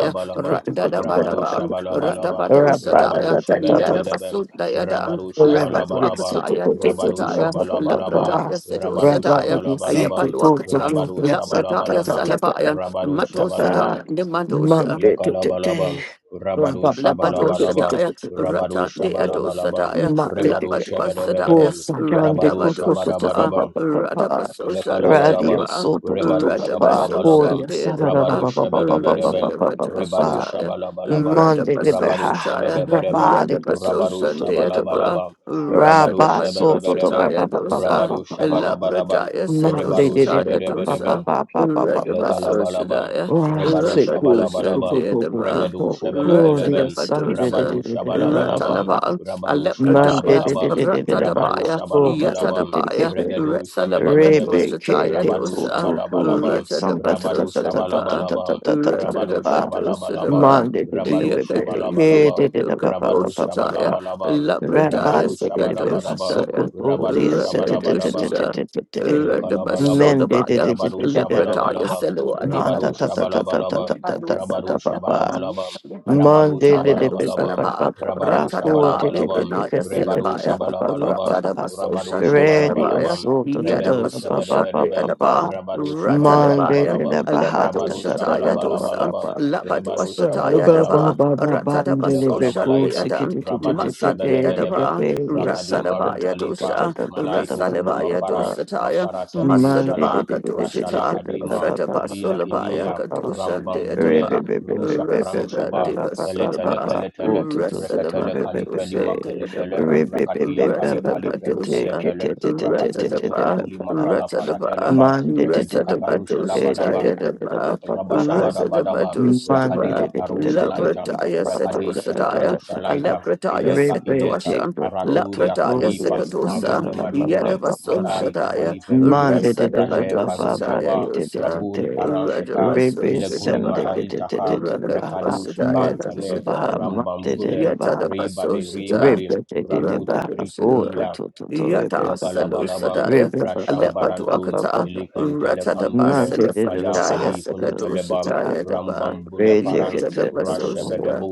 ya randa da ba da
Rabaru
ba rata
Shabalabalabam,
ba do shata
Rabaru
ya ya da
Shabedabedabam,
basu da ya da
Rabaru
la ba
forever.
do
Yes,
Shabalabalabam,
so to
ya
to
do
to to
Rabaru
to
shata
ra
ya
ra ra
la
ra
bra
Shabalabalabam,
da
ra.
ya
Ra
Rabaru
ra ra
ya
ra.
aya pa
Secret
do
Shabalabalabam,
to to
akata
to
Rabaru
la
yes,
bra
ta
da
ta
ya
ta
Shabalabalabam,
ta ta
salaba
ta
ya
ta
Rabaru
ta ta.
mando
ta.
Shabalabam,
shata
Monday to
Elokalabalabam,
today. Ra
Rabaru
ra ra ra ra.
Lapado
To to to
Shabalabalabam,
sadaya,
to to
Rabaru
to
Rata
to
de
to.
Ado
Shabalabalabam,
sadaya,
Ma te te
Rebaru
te pa. Po
Lapadosadaya,
Shabedabedabam,
sa grande
Rabaru
po to to to pa
Randabadosata,
pa
Shabarabarabam,
pa pa pa.
Radabasosan de
Radio
Ilekalabalabam,
Adaba,
so to to to
Rebaru
pa pa.
Radabasosan
Shabalabalabam,
Oria
de
sa ra ra ra
Rabaru
Adaba,
pa pa pa pa pa pa pa
Shabadabadabam,
pa pa pa pa.
Rebaru
Rasadabadosataya,
Shabalabalabam,
Monday libe
Rabaru
ha.
Radabasosataya,
Ra
Shabadabadabam,
ba li to to to
Rabaru
Radabasosan
to to
de
to to. to.
Adaba,
Shabalabalabam, Rabaru
Rabba soto to
Shabadabadabam,
ba
Rasadabadosataya
ba ba ba ba
dosa,
ba
Rabaru
ba ba.
Shabadabadabam,
Labradaya
Monday
Rebaru
did it ba
sedosataya
ba ba
Shabadabadabam,
dosa,
ba ba ba ba ba.
Elekalabalabam,
Radabasosadaya,
Ra
Rebadu
se ku ku ku
Rapadosan
ku
Shabalabalabam,
de
ku ku ku
Adaba.
Regadu
ku ku. Dia
Shabalabalabam,
Sunday did
Rabadu
Ratadabadosa,
it did it la ba.
Shabalabalabam,
Ratalaba,
Rabadu
Monday
Alepradaya,
did it
Shabalabalabam,
did it did ba.
Rabadu
Ratadabaya,
To to to to
Shabalabalabam,
to ke
Yatadabaya,
pe.
Regadu
Re
Shabadabadabam,
ke
Retsalabakadosataya
te
Rabadu
ku
dosa,
tu tu dia
Shabalabalabam,
Sun ta ta ta
Rabadu
ta ta ta ta
Ratadabasosadaba,
ta
Shabalabalabam,
ta ta ta ta ba
Rabadu
ba.
Shabalabalabam,
Ratadabadosadaba,
Monday did it ba
Rabadu
ba. Ke
Shabalabalabam,
did it ba ba
Rabadu
ba ba ba ba.
Yakadokadosataya,
Shabalabalabam,
Labradaya,
Rabban
Rabadu
did it be
Shabadabadabam,
Sakadosataya,
Hasoko told
Rabadu
the set
Shabadabadabam,
Ratadosata.
Elekalabalaba,
men did
Radabasodabaya,
Rabadu
Lepradaya,
it
Shabalabalaba,
Selo
Manda
Rabadu
ta ta
Adibadosa,
ta ta ta
Shabalabalaba,
ta ta ta ta ta
Rabadu
Lepado
papa
Shabalabalaba, Rabadu
Monday did
Salibadwakataya
it be
Shabalabalaba,
papa
Lusalaba,
Rabadu
papa poor
Ratadaba,
did it be
Shabalabalaba,
Libranaya
Rebadu
Salabaya,
papa
Shabalabalaba,
Ratadaba
papa
Rabadu
Soshan de
Ready
Adabaya,
Shabalabalaba,
also to to
Rebedu
Yadaba
to papa
Soshan de
Shabadabadabam,
Adaba,
papa
Rabadu
Monday
Ratalabaya,
did
Shabalabalabalaba,
it baha
Alebado
ta
Rabadu
ta ta
Shataya
ta
Dosa,
Shabalabalabalaba,
papa
Labado
Rebadu
Monday,
Shataya
Shabalabalaba,
Daba, Ratadaba Soshan de
Elekalabalaita,
Adam,
Rabado
Masan de
Shebedebedebe,
Adaba,
Rakade Maru
Rasadabaya
Khalifa,
Dosa,
Malaito Kulu
Rasalabaya
Mafara,
Dosataya,
Mafara Tekuli Shala,
Masadabaka
Rashala
Dosata,
Kadima,
Fredaba
Ilila
Solabaya
Ilila,
Kadoshan de Adaba.
Rambambule, Rusha Pranu
Rasada
Shaba,
Deva
Tele Tele
Sulaba,
Kele Tele,
Rasalava
rekatele Kalifeli
Kadosha
Makalitele,
Deadaba,
Rakatia Kali
Rasada
Kaliferu Kele
Badosha,
Tele, Rapatuke de
Rasadaba,
Kukuli Mafala
Rasadaba,
Paratelepa,
Rasada
Rebeduka Parusha
Badosha
Labadaba,
Tayadaba, Rasada
Rabashabadabadaba,
Badosha
Monday,
Daba,
Rakadia paru Laita,
Labradaya
Rakade
Setosadaya,
Sheprano Shalaita,
Alabradaya
Ileka Ileka,
Sekadosha,
Araturia
Labradaya
Khalifa,
Sekadosa,
Marule Marule,
Yadavasum
Mai
Shadaya,
Kumali Veruje,
Rasada
Raje
Badosha
Varujeva,
Tayadosa,
Rabuli Parante Kam,
Radabasum
Ilekuli
Shadaba.
Mahal Taka, Rekadu
Rakatosita
Shebad Kane,
Yatosita
Rambambulem, Ribade
Yatadapasosita
Ribade, Rabut
Rakatosita
Britukumla,
Yata
Elekalabalabam,
Salusadaya
Rashambarantun,
Alepatuakata
Ilikantele Kantele,
Mante de la
Maya
Ratadabasalefadaya
Baja,
Kadi Kuntelebam,
Sakadosita Yadaba
Rambam
Rede
Buleparan,
Cate,
Yatadabasosita
Rashabedebu,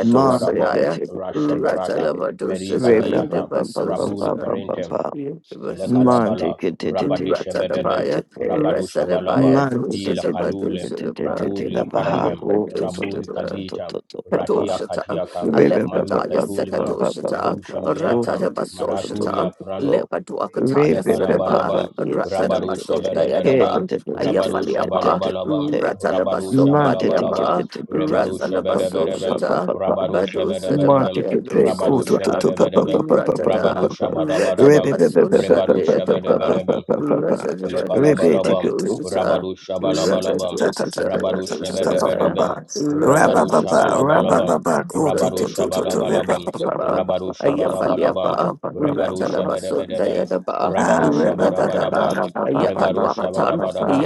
Mante Cate,
Rashabarata, Merika
Ratadabadosita
Reba
Diata,
Baba Baba
Rabuli
Yadabasosita
Baba
Perente,
Baba,
Universes.
Mante
Elekalabala,
Cate,
Rabadishabedebe,
Ratadabaya, Resadabaya,
Rabadushabalabam,
Mante
Ila
Dosadaba,
Kalule,
Dosadaba,
de
Rabuli
la Baja,
Aparandem,
Toto
Rabuli
Yakadosadaba.
Kadita,
Papa.
Ratia
Kadoshata,
Ree pee pee pee pee pee pee pee pee pee pee, go go go go go
Katiaka, Mayu
Alepradaya
Ketulima,
Sekadoshata,
Merusha Mleaka,
Ratada
go
Basoshata,
Maraturia
go
prano.
go. Ree
Lepaduakataya
pee pee pee pee
Seleba,
Lekalabalabam,
pee,
Ratada
yeah,
Rabadu
yeah, yeah,
Baso
yeah,
Shabarabarabam,
Dayadaba,
yeah,
Rabadu
yeah,
Ayafaliapa,
Shabalabalabam,
yeah,
Ratala
Rabadu
yeah.
Baso
Man, yeah, yeah, yeah,
Shabalabalabam,
yeah,
Badiapa,
yeah, yeah,
Rebadu
Ratala
Shabarabarabam,
Basoshata,
Rabadu
Badu
yeah.
Sedaba,
Man,
Shabarabarabam,
yeah, yeah,
Yadu
yeah, yeah,
Rabadu
Sedaba,
yeah, yeah, yeah. Man,
Shabarabarabam,
yeah,
Rabadu
Ratada,
yeah, yeah,
Ratada
yeah, yeah,
Shabarabarabam,
yeah,
Basosha
Rebadu
Deadaba,
Shabarabarabam,
yeah.
Ratada
Man, yeah, yeah, yeah, yeah, yeah, yeah, yeah. Man, yeah, yeah, yeah, yeah, yeah,
Elekalabalabam,
yeah, yeah.
Badoshata,
Rabadu
Ah,
Shabalabalabam, Rabadu
Rakatoshata,
Shabedebedebem, Rabadu
Rakatusidaba,
Shabalabalabam, Rabadu Shabalabalabam,
Rakatusidaba,
Rabadu Shabalabalabam,
Ayafaliapa,
Rebadu
Ratalabasun
Shabedebedebem,
Dayadaba,
Rabadu
Radadadaba,
Shabarabarabam, Rebadu
Ayapanwakatan,
Shabarabadabam,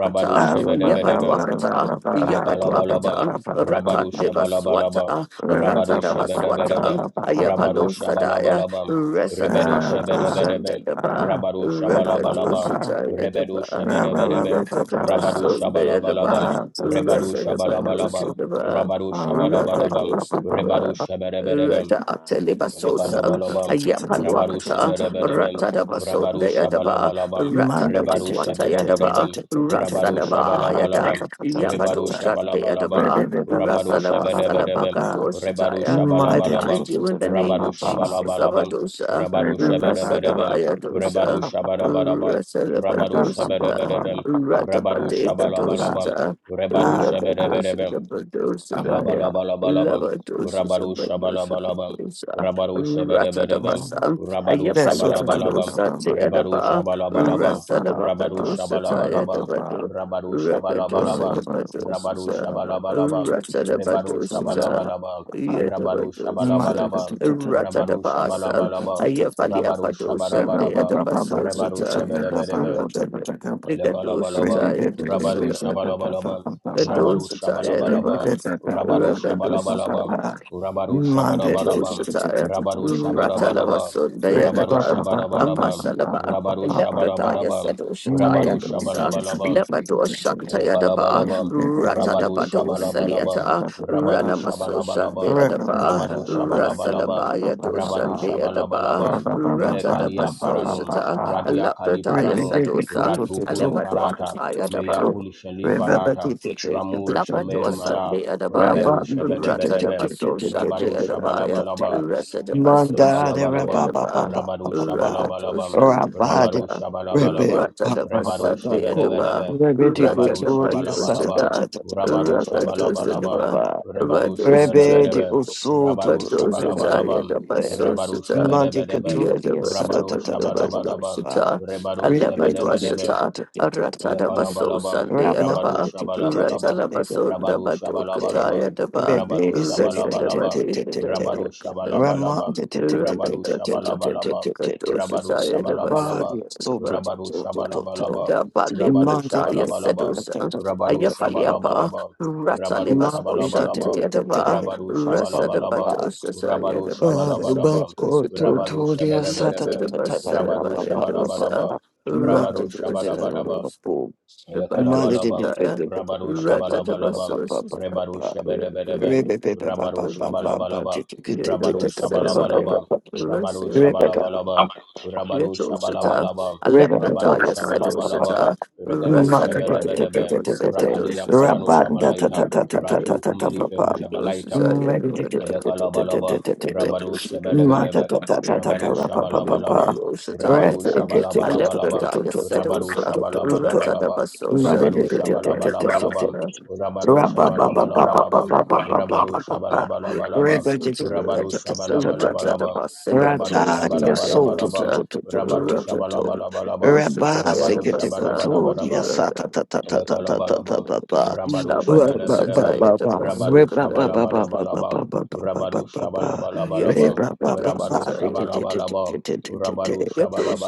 Rabadu Shabedebedebem,
Yabadwakata,
Elekalabalabam,
Yabadwakatan,
Rabadu Shabalabalabam,
Ratandebaswata,
Rabadu Shabadabadabam,
Ratadabaswata,
Rabadu
Ayapalo Sadaya,
Shabalabalabam, Rebedu
Resadabakadosan
Shabadabadabam,
Dedaba,
Rabadu Shabalabalabam, Rebedu
Rakadositayadaba,
Shabadabadabam, Rabadu
Ratadabasun Dayadaba,
Shabalabalabam, Rebadu Shabalabalabam,
Rasadabadosodaba,
Rabadu
Monday,
Shabadabadabam, Rebadu
Rakadosodaba,
Shabadabadabam,
Rata Atelibasosa,
Lekalabalabam, Rabarusha
Ayapaluakata,
Berebem,
Ratadabaso
Rabarusha
Dayadaba,
Balabalabam, Rebarusha
Ratanabaswata Yadaba,
Berebem, Rabarusha
Rasadaba Yadan,
Balabalabam, Rebarusha
Yapatosha
Balabalabam,
Dayadaba,
Rabarusha Berebem,
Rasalabasalabaka
Rebarusha
Dorsataya. I
Balabalabam,
bind you in the name of
Rabarusha
Jesus
Balabalabam,
Abadosa,
Rabarusha Berebem,
Rasadabaya Dosa,
Rebarusha Barabarabam, Rabarusha
Rasadabadosa,
Berebem, Rabarusha
Ratabadeka
Balabalabam,
Dosata.
Rebarusha Berebem,
Rakadosha Kapadosa Daya.
Elabalabalabam,
Lavadosha
Rabaru
Sabadosha
Shabalabalabam,
Kadosa.
Rabaru Shaberebem,
Ratadavasa.
Rabaru
Ayafalia
Shabalabalabam,
Palosa
Rebaru
Deadaba.
Shabalabalabam,
Mother,
Rabaru
Rasadavakadosa Taya
Shabalabalabam,
Dabado.
Rabaru
Rakadosa
Shabalabalabam, Rabaru
Dabadosa.
Shabalabalabam, Rebaru
Ratadabadosa.
Shabalabalabam, Rabaru
Yetavadosa.
Shabalabalabam, Rabaru
Ratadavasa.
Shabalabalabam,
Ayafalia
Rabaru
Padosa
Shabalabalabam, Rebaru
Deadabasosa.
Shaberebem,
Rakadosha
Elakalabalabam,
Taya
Rabaru
Dosa.
Shabalabalabam, Rabaru
Kadoshataya Dava,
Shabalabalabam, Rabaru
Rakadosh,
Shabalabalabam, Rabaru Shabarabarabam,
Yadoshataya,
Rabaru Shabarabarabam,
Ratalavason,
Rabaru
Dayadava,
Shabarabarabam,
Amasalaba,
Rabaru
Leprataya,
Shabarabarabam,
Remember
Rabaru
Sadoshataya Dosa,
Shabalabalabam,
to
Lepadoshantaya Dava,
Elekalabalabam, Rabadu Shabalabalabam,
Ratadabadosaliata,
Rabadu
Ranamasoshan,
Shabalabalabam,
Dayadava,
Rabadu Shabalabalabam,
Rasalabaya Doshan,
Rabadu
Dayadava,
Shabalabalabam, Ilekalia Paranum,
Ratadabasoshata,
Radia Kali
Leprataya
Paranum,
Sadosa,
Ratu Kuli Farata,
Lepadwakataya Dava,
Meyakuli Shali Parata,
drink
Ramur Shemer
Labrador
and
Malab,
Sunday Adabaya,
Rebedu Shebedebedebem,
Ratadabaso Sunday
Rabadu
Adabaya,
Shabalabalabam,
Rasadabaso
Mandare
Sunday
Rabba
Lekalabalabam,
Baba
Adaba,
Baba
Rabadu
Baba
Rakato
Shabalabalabam,
Sunday
Rabad
Rabadu
Adaba,
Rebbe
Shabalabalabam,
Baba
Rebadu
Baba
Ratadabasunday
Ko
Adaba,
Shabalabalabam,
Rebbe de
Rabadu
Gotori
Ratadabato
Sata
Shabalabalabam,
Sada,
Tata Tata Tata
Rabadu
Tata Tata
Shabalabalabam,
Rakato
Baba
Rebadu
Rebbe
Sadaba,
de
Shabalabalabam,
Usu
Rabadu
Badoshita
Shabalabalabam, Rabadu
Yadabasoshita
Mandi
Shabalabalabam,
Yadabasoshita
Katuria Sata
Rabadu
Tata Tata Tata
Shabalabalabam,
Pa
Rebadu
Rebe Tiki
Shabalabalabam,
Tiki
Alebadwashita
Tiki
Ratada
Tiki
Baso
Elekalabalabam,
Sunday
Rama
Rabaru
Adaba
Shabalabalabam,
Ratala Baso
Rabaru
Dabadokata
Shabalabalabam,
Yadaba
Rabaru
Rebe Siki
Shabalabalabam,
Resadabadi
Rabaru
Rama
Shabalabalabam, Rabaru Shabalabalabam,
Kadoshita
Rabaru
Yadabaso
Rabari
Shabalabalabam,
Soto
Rabaru
Toto Toto Toto
Shabalabalabam,
da ba
Rabaru
lebrata ya
Shabalabalabam,
sedusa
Rabaru
aya falia pa
Shabalabalabam,
rata
Rabaru
leba sosha te
Shabalabalabam,
yada
Rabaru
rasa da ba
Shabalabalabam,
dosa sa
Rabaru
yada ba dosa ke
Shabarabarabam,
dosa da
Rabaru
rasa
Shabarabarabam,
da ba
Rabaru
ba ya dosa
Shabarabarabam, Rabaru
rapa dosa da
Shabarabarabam,
dosa da ba da
Elekalabalabam,
ya
Rabaru
rata da ba
Shabalabalabam,
sosha sa
Rebaru
yada
Shabedebedebem, Rabaru Shabalabalabam,
ba
Rabaru
sa da ba ya
Shabalabalabam, Rabaru
rasa
Rabba
Shabalabalabam, Rabaru
Yedoshita,
Shabalabalabam, Rabaru
Alepradaya
Shabalabalabam,
Sedoshita,
Regado
Rasanavaya
Shabedebedebe, Rakalia
Devasekadosita,
Parano Shabalaita, Ratiu Kumeliferu Jabalaita,
Yedoshita Yedvada,
Elekalabalaba, Rabaru
Yedoshita
Shabalabalaba, Rabaru Shabalabalaba,
Yedoshita
Rabaru
Yedam,
Shabalabalabalaba,
Alepradaya
Rabaru
Sedosa,
Shabalabalabalaba,
Ratadabasosha,
Rabaru Shabalabalabalaba,
the
Rabaru Shabalabalabalaba,
Edabasosha,
Rabaru Shabalabalabalaba,
Yes,
Rabaru Shabalabalabalaba, Rabaru
Rataria soto to
Shabarabarabaraba,
to to to to
Rabaru
to to to.
Shabalabalabalaba,
Rabba
Rabaru
sekete
Shabarabarabaraba,
kotoria sata ta ta ta ta ta ta ta
Elekalabalabam,
ta ta.
Rabado
Rabba ba
Shabadabadabam,
ba ba.
Rabado
Rabba ba ba ba ba ba ba ba
Shabalabalabalabam,
ba ba
Rabado
ba ba ba.
Shabalabalabalabam,
Rabba ba ba
Rabado
ba. Te te te te
Shabalabalabam,
te te te te te.
Rabado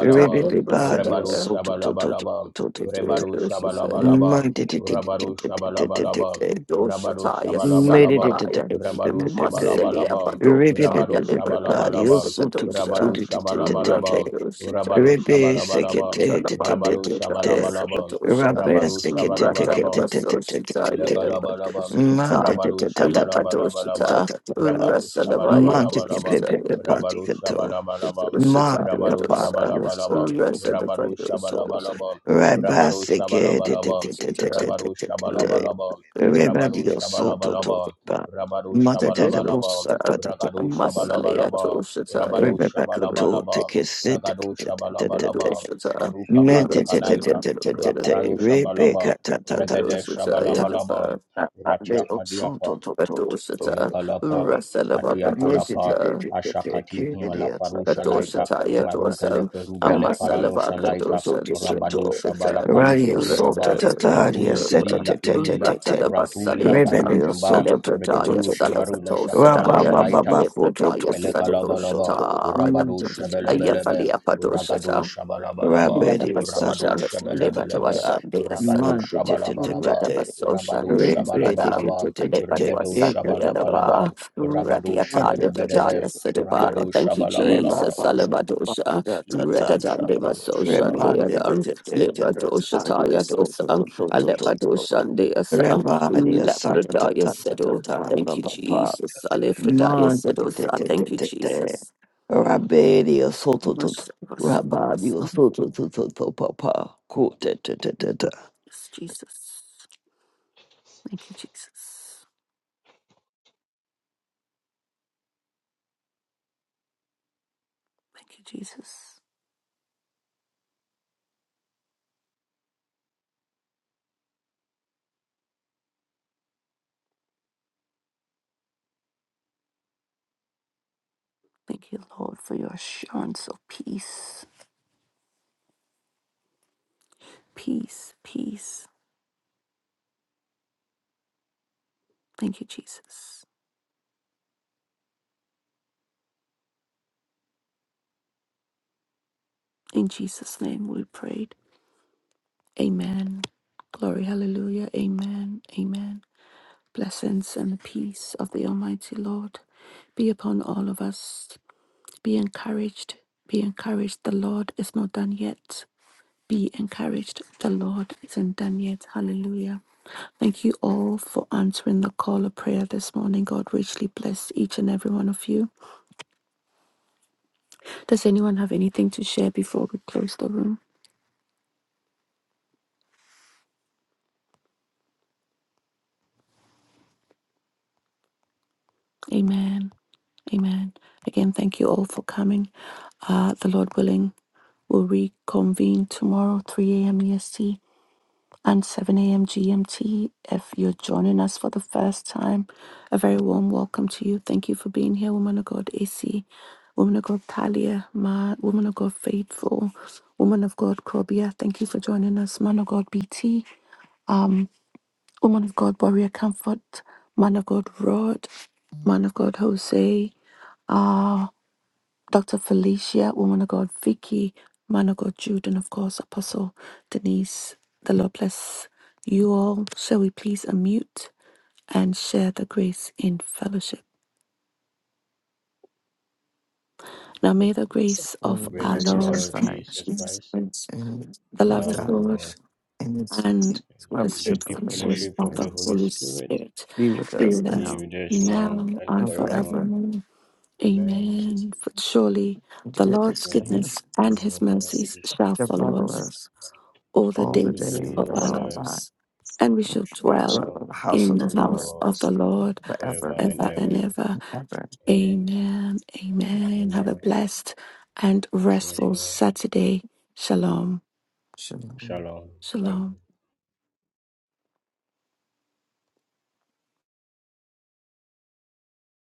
Rabba ba ba. Yo
Rabado
soto to to to
Shabalabalabam,
to to to to.
Rabado Shabalabalabam,
Man te te te te te
Rabado
te te te te
Shabalabalabam,
te.
Rabado
Doshataya
Made
Shabalabalabam,
Sadibaya
Rabado
it.
Masalia
Shabalabalabam,
Monte
Rabado
Badokitaya Librataya
Shabalabalabam,
Sikadosha
Rabado Shabalabalabam, Rabado
Rakadoshataya
Shabalabalabam,
Talabadi
Rabado
Brataya
Shabalabalabam,
Sikadosha
Rabaru Shabarabaraba.
Ratadabasoshataya
Lekalabalabam,
Dabadoshakata
Rabaru
Alebadoshata
Shabalabalabalabam, Rabaru
Rasalabaya
Shabalabalabalabam,
Doshataya
Rabaru Shabalabalabam,
Mother
Kadoshataya
the
Rabaru
Dosa
body of
Shabalabalabam,
soto
Rabaru
Rasadabadoshataya
Shabalabalabam, Rabaru Shabalabalabam, Rabaru
Rabasike
Shabalabalabam, Rabaru
Rebadio soto
Shabalabalabam,
toba
Rabaru
Mother de la
Shabalabalabam,
Bosa
Yedoshata,
tata
Ragadu
Masalaya
Shabalabalabam,
Toshataya,
Rabaru
Rebacoto
Shabalabalabam,
take a sit
Ragadu Shabalabalabam,
Yedoshata,
Maruka
Mente
Faruka Laita, Raparanu
Rasalabaka
Shabalabam,
Rebecca tata tata
Regede
Doshataya,
Shabalabalaba, Ratia
Mother of
Kadiapa,
soto toto
Elekalapa, Katia
Rasalabaka
Kalapa,
Doshata,
Ashakati Kumala Farusha Laita,
Kadoshataya
Marugele
dosan,
Ferugele
Rabandia
Paranosha
Soto
Amasalabaka
Laita,
Toto
dosan,
Rabado
Soto
Shabala
Kadoshataya,
Radia
Kaliferuja
Sota
Ba,
Tataria
Fatum
Seta
Ilila
Tete
Ilila,
Tete
Rapuria
Ratalabasaliatan,
Rebellia
Farujimba,
Soto Toto
Alepradaya
Regadoshi
Toto
Marula
Sadakato
Shaprano
Rabba
Sadaya,
Baba
Shalaita,
Bako
Lepradaya
Toto
Elekalabalaba,
Sadoshata,
Toto
Urabadu Shabelebelebe,
Ayafalia Padoshata,
Uragadu Shabalabalaba,
Rabedia Sata
Urabadu
Yadabasoshan,
Shabelebelebe,
Tata
Lebadwashan, Dea
Uragadu
Sadaba,
Mandi
Shabalabalaba,
Tete
Radabasoshan,
Urabadu
Dea Sadam,
Shabalabalaba,
Rebellia
Uragadu
Tete
Lebadwasan,
Tata Papa
Shabalabalaba,
Deadaba,
Urabadu
Radiata,
Mandi Tete
Lebradaya
Shabedebedebe,
Sedaba. Oh,
Urabadu
Thank you,
Reba
Shabalabalaba,
Jesus,
Baba
Salabadosha,
Lifaru
Redadan,
Tata
Shaprano Shaba.
Devasoshan,
Rebadi
Deadan, Lebadosha,
so to
Tayadosa,
to to to to to.
Alepadoshan, Deasa,
Rebadi sa ta ta
Lepradaya
ta ta ta
Sedo.
ta la
Thank you,
ba ba.
Jesus, Alefradaya
Ma de de de
Sedosa.
de de
Thank you,
de de.
Jesus.
Rabadi so to to to.
Master,
Rabadi so to to to to pa pa. Ku de de de de de.
Yes, Jesus. Thank you, Jesus. Thank you, Jesus. Thank you, Lord, for your assurance of peace, peace, peace. Thank you, Jesus. In Jesus' name we prayed. Amen. Glory, hallelujah. Amen. Amen. Blessings and peace of the Almighty Lord be upon all of us. Be encouraged. Be encouraged. The Lord is not done yet. Be encouraged. The Lord isn't done yet. Hallelujah. Thank you all for answering the call of prayer this morning. God richly bless each and every one of you. Does anyone have anything to share before we close the room? Amen. Amen. Again, thank you all for coming. Uh, the Lord willing, we'll reconvene tomorrow, 3 a.m. EST. and 7 a.m. GMT. If you're joining us for the first time, a very warm welcome to you. Thank you for being here, woman of God AC, woman of God Talia, Ma, woman of God Faithful, woman of God Krobia. Thank you for joining us, man of God BT, um, woman of God Warrior Comfort, man of God Rod, man of God Jose, uh, Dr. Felicia, woman of God, Vicky, man of God, Jude, and of course, Apostle Denise. The Lord bless you all. Shall we please unmute and share the grace in fellowship? Now, may the grace
Jesus,
The
of
Oh
grace
Lord
our
of our
Lord
Jesus
Lord
Jesus,
Christ,
Jesus
Jesus
Christ,
Christ,
and
the
the
the
love
love
of
of
God,
God,
Salvation, and His
and the
the
fellowship
sweet
deep
of the Holy
fellowship
fellowship
of
of
Spirit,
the
the
Holy
Holy
Spirit
Spirit
be with
be
us
with
be
us
now
with us
now
now and
and
and
forevermore.
forever.
forevermore.
Amen.
Amen. For surely
And
the Lord's
goodness and
surely
goodness
mercy
we
and his
must
mercies
mercy shall
shall
shall
follow
follow
follow
us
us
us
all the
all
all
the
the
days
days
days
of
of
of
our
our
our
lives,
lives, and we
and we
shall
lives.
shall
dwell
Dwell
dwell
in the
in the
house
in
of
house
the
the
of the
Lord
house
Lord
of the Lord
forever
forever and
ever and
ever.
ever.
and ever.
Amen.
Amen. Amen. Have
Amen.
a blessed and
See you
restful Saturday. Shalom.
Shalom.
Shalom. Shalom.
Shalom.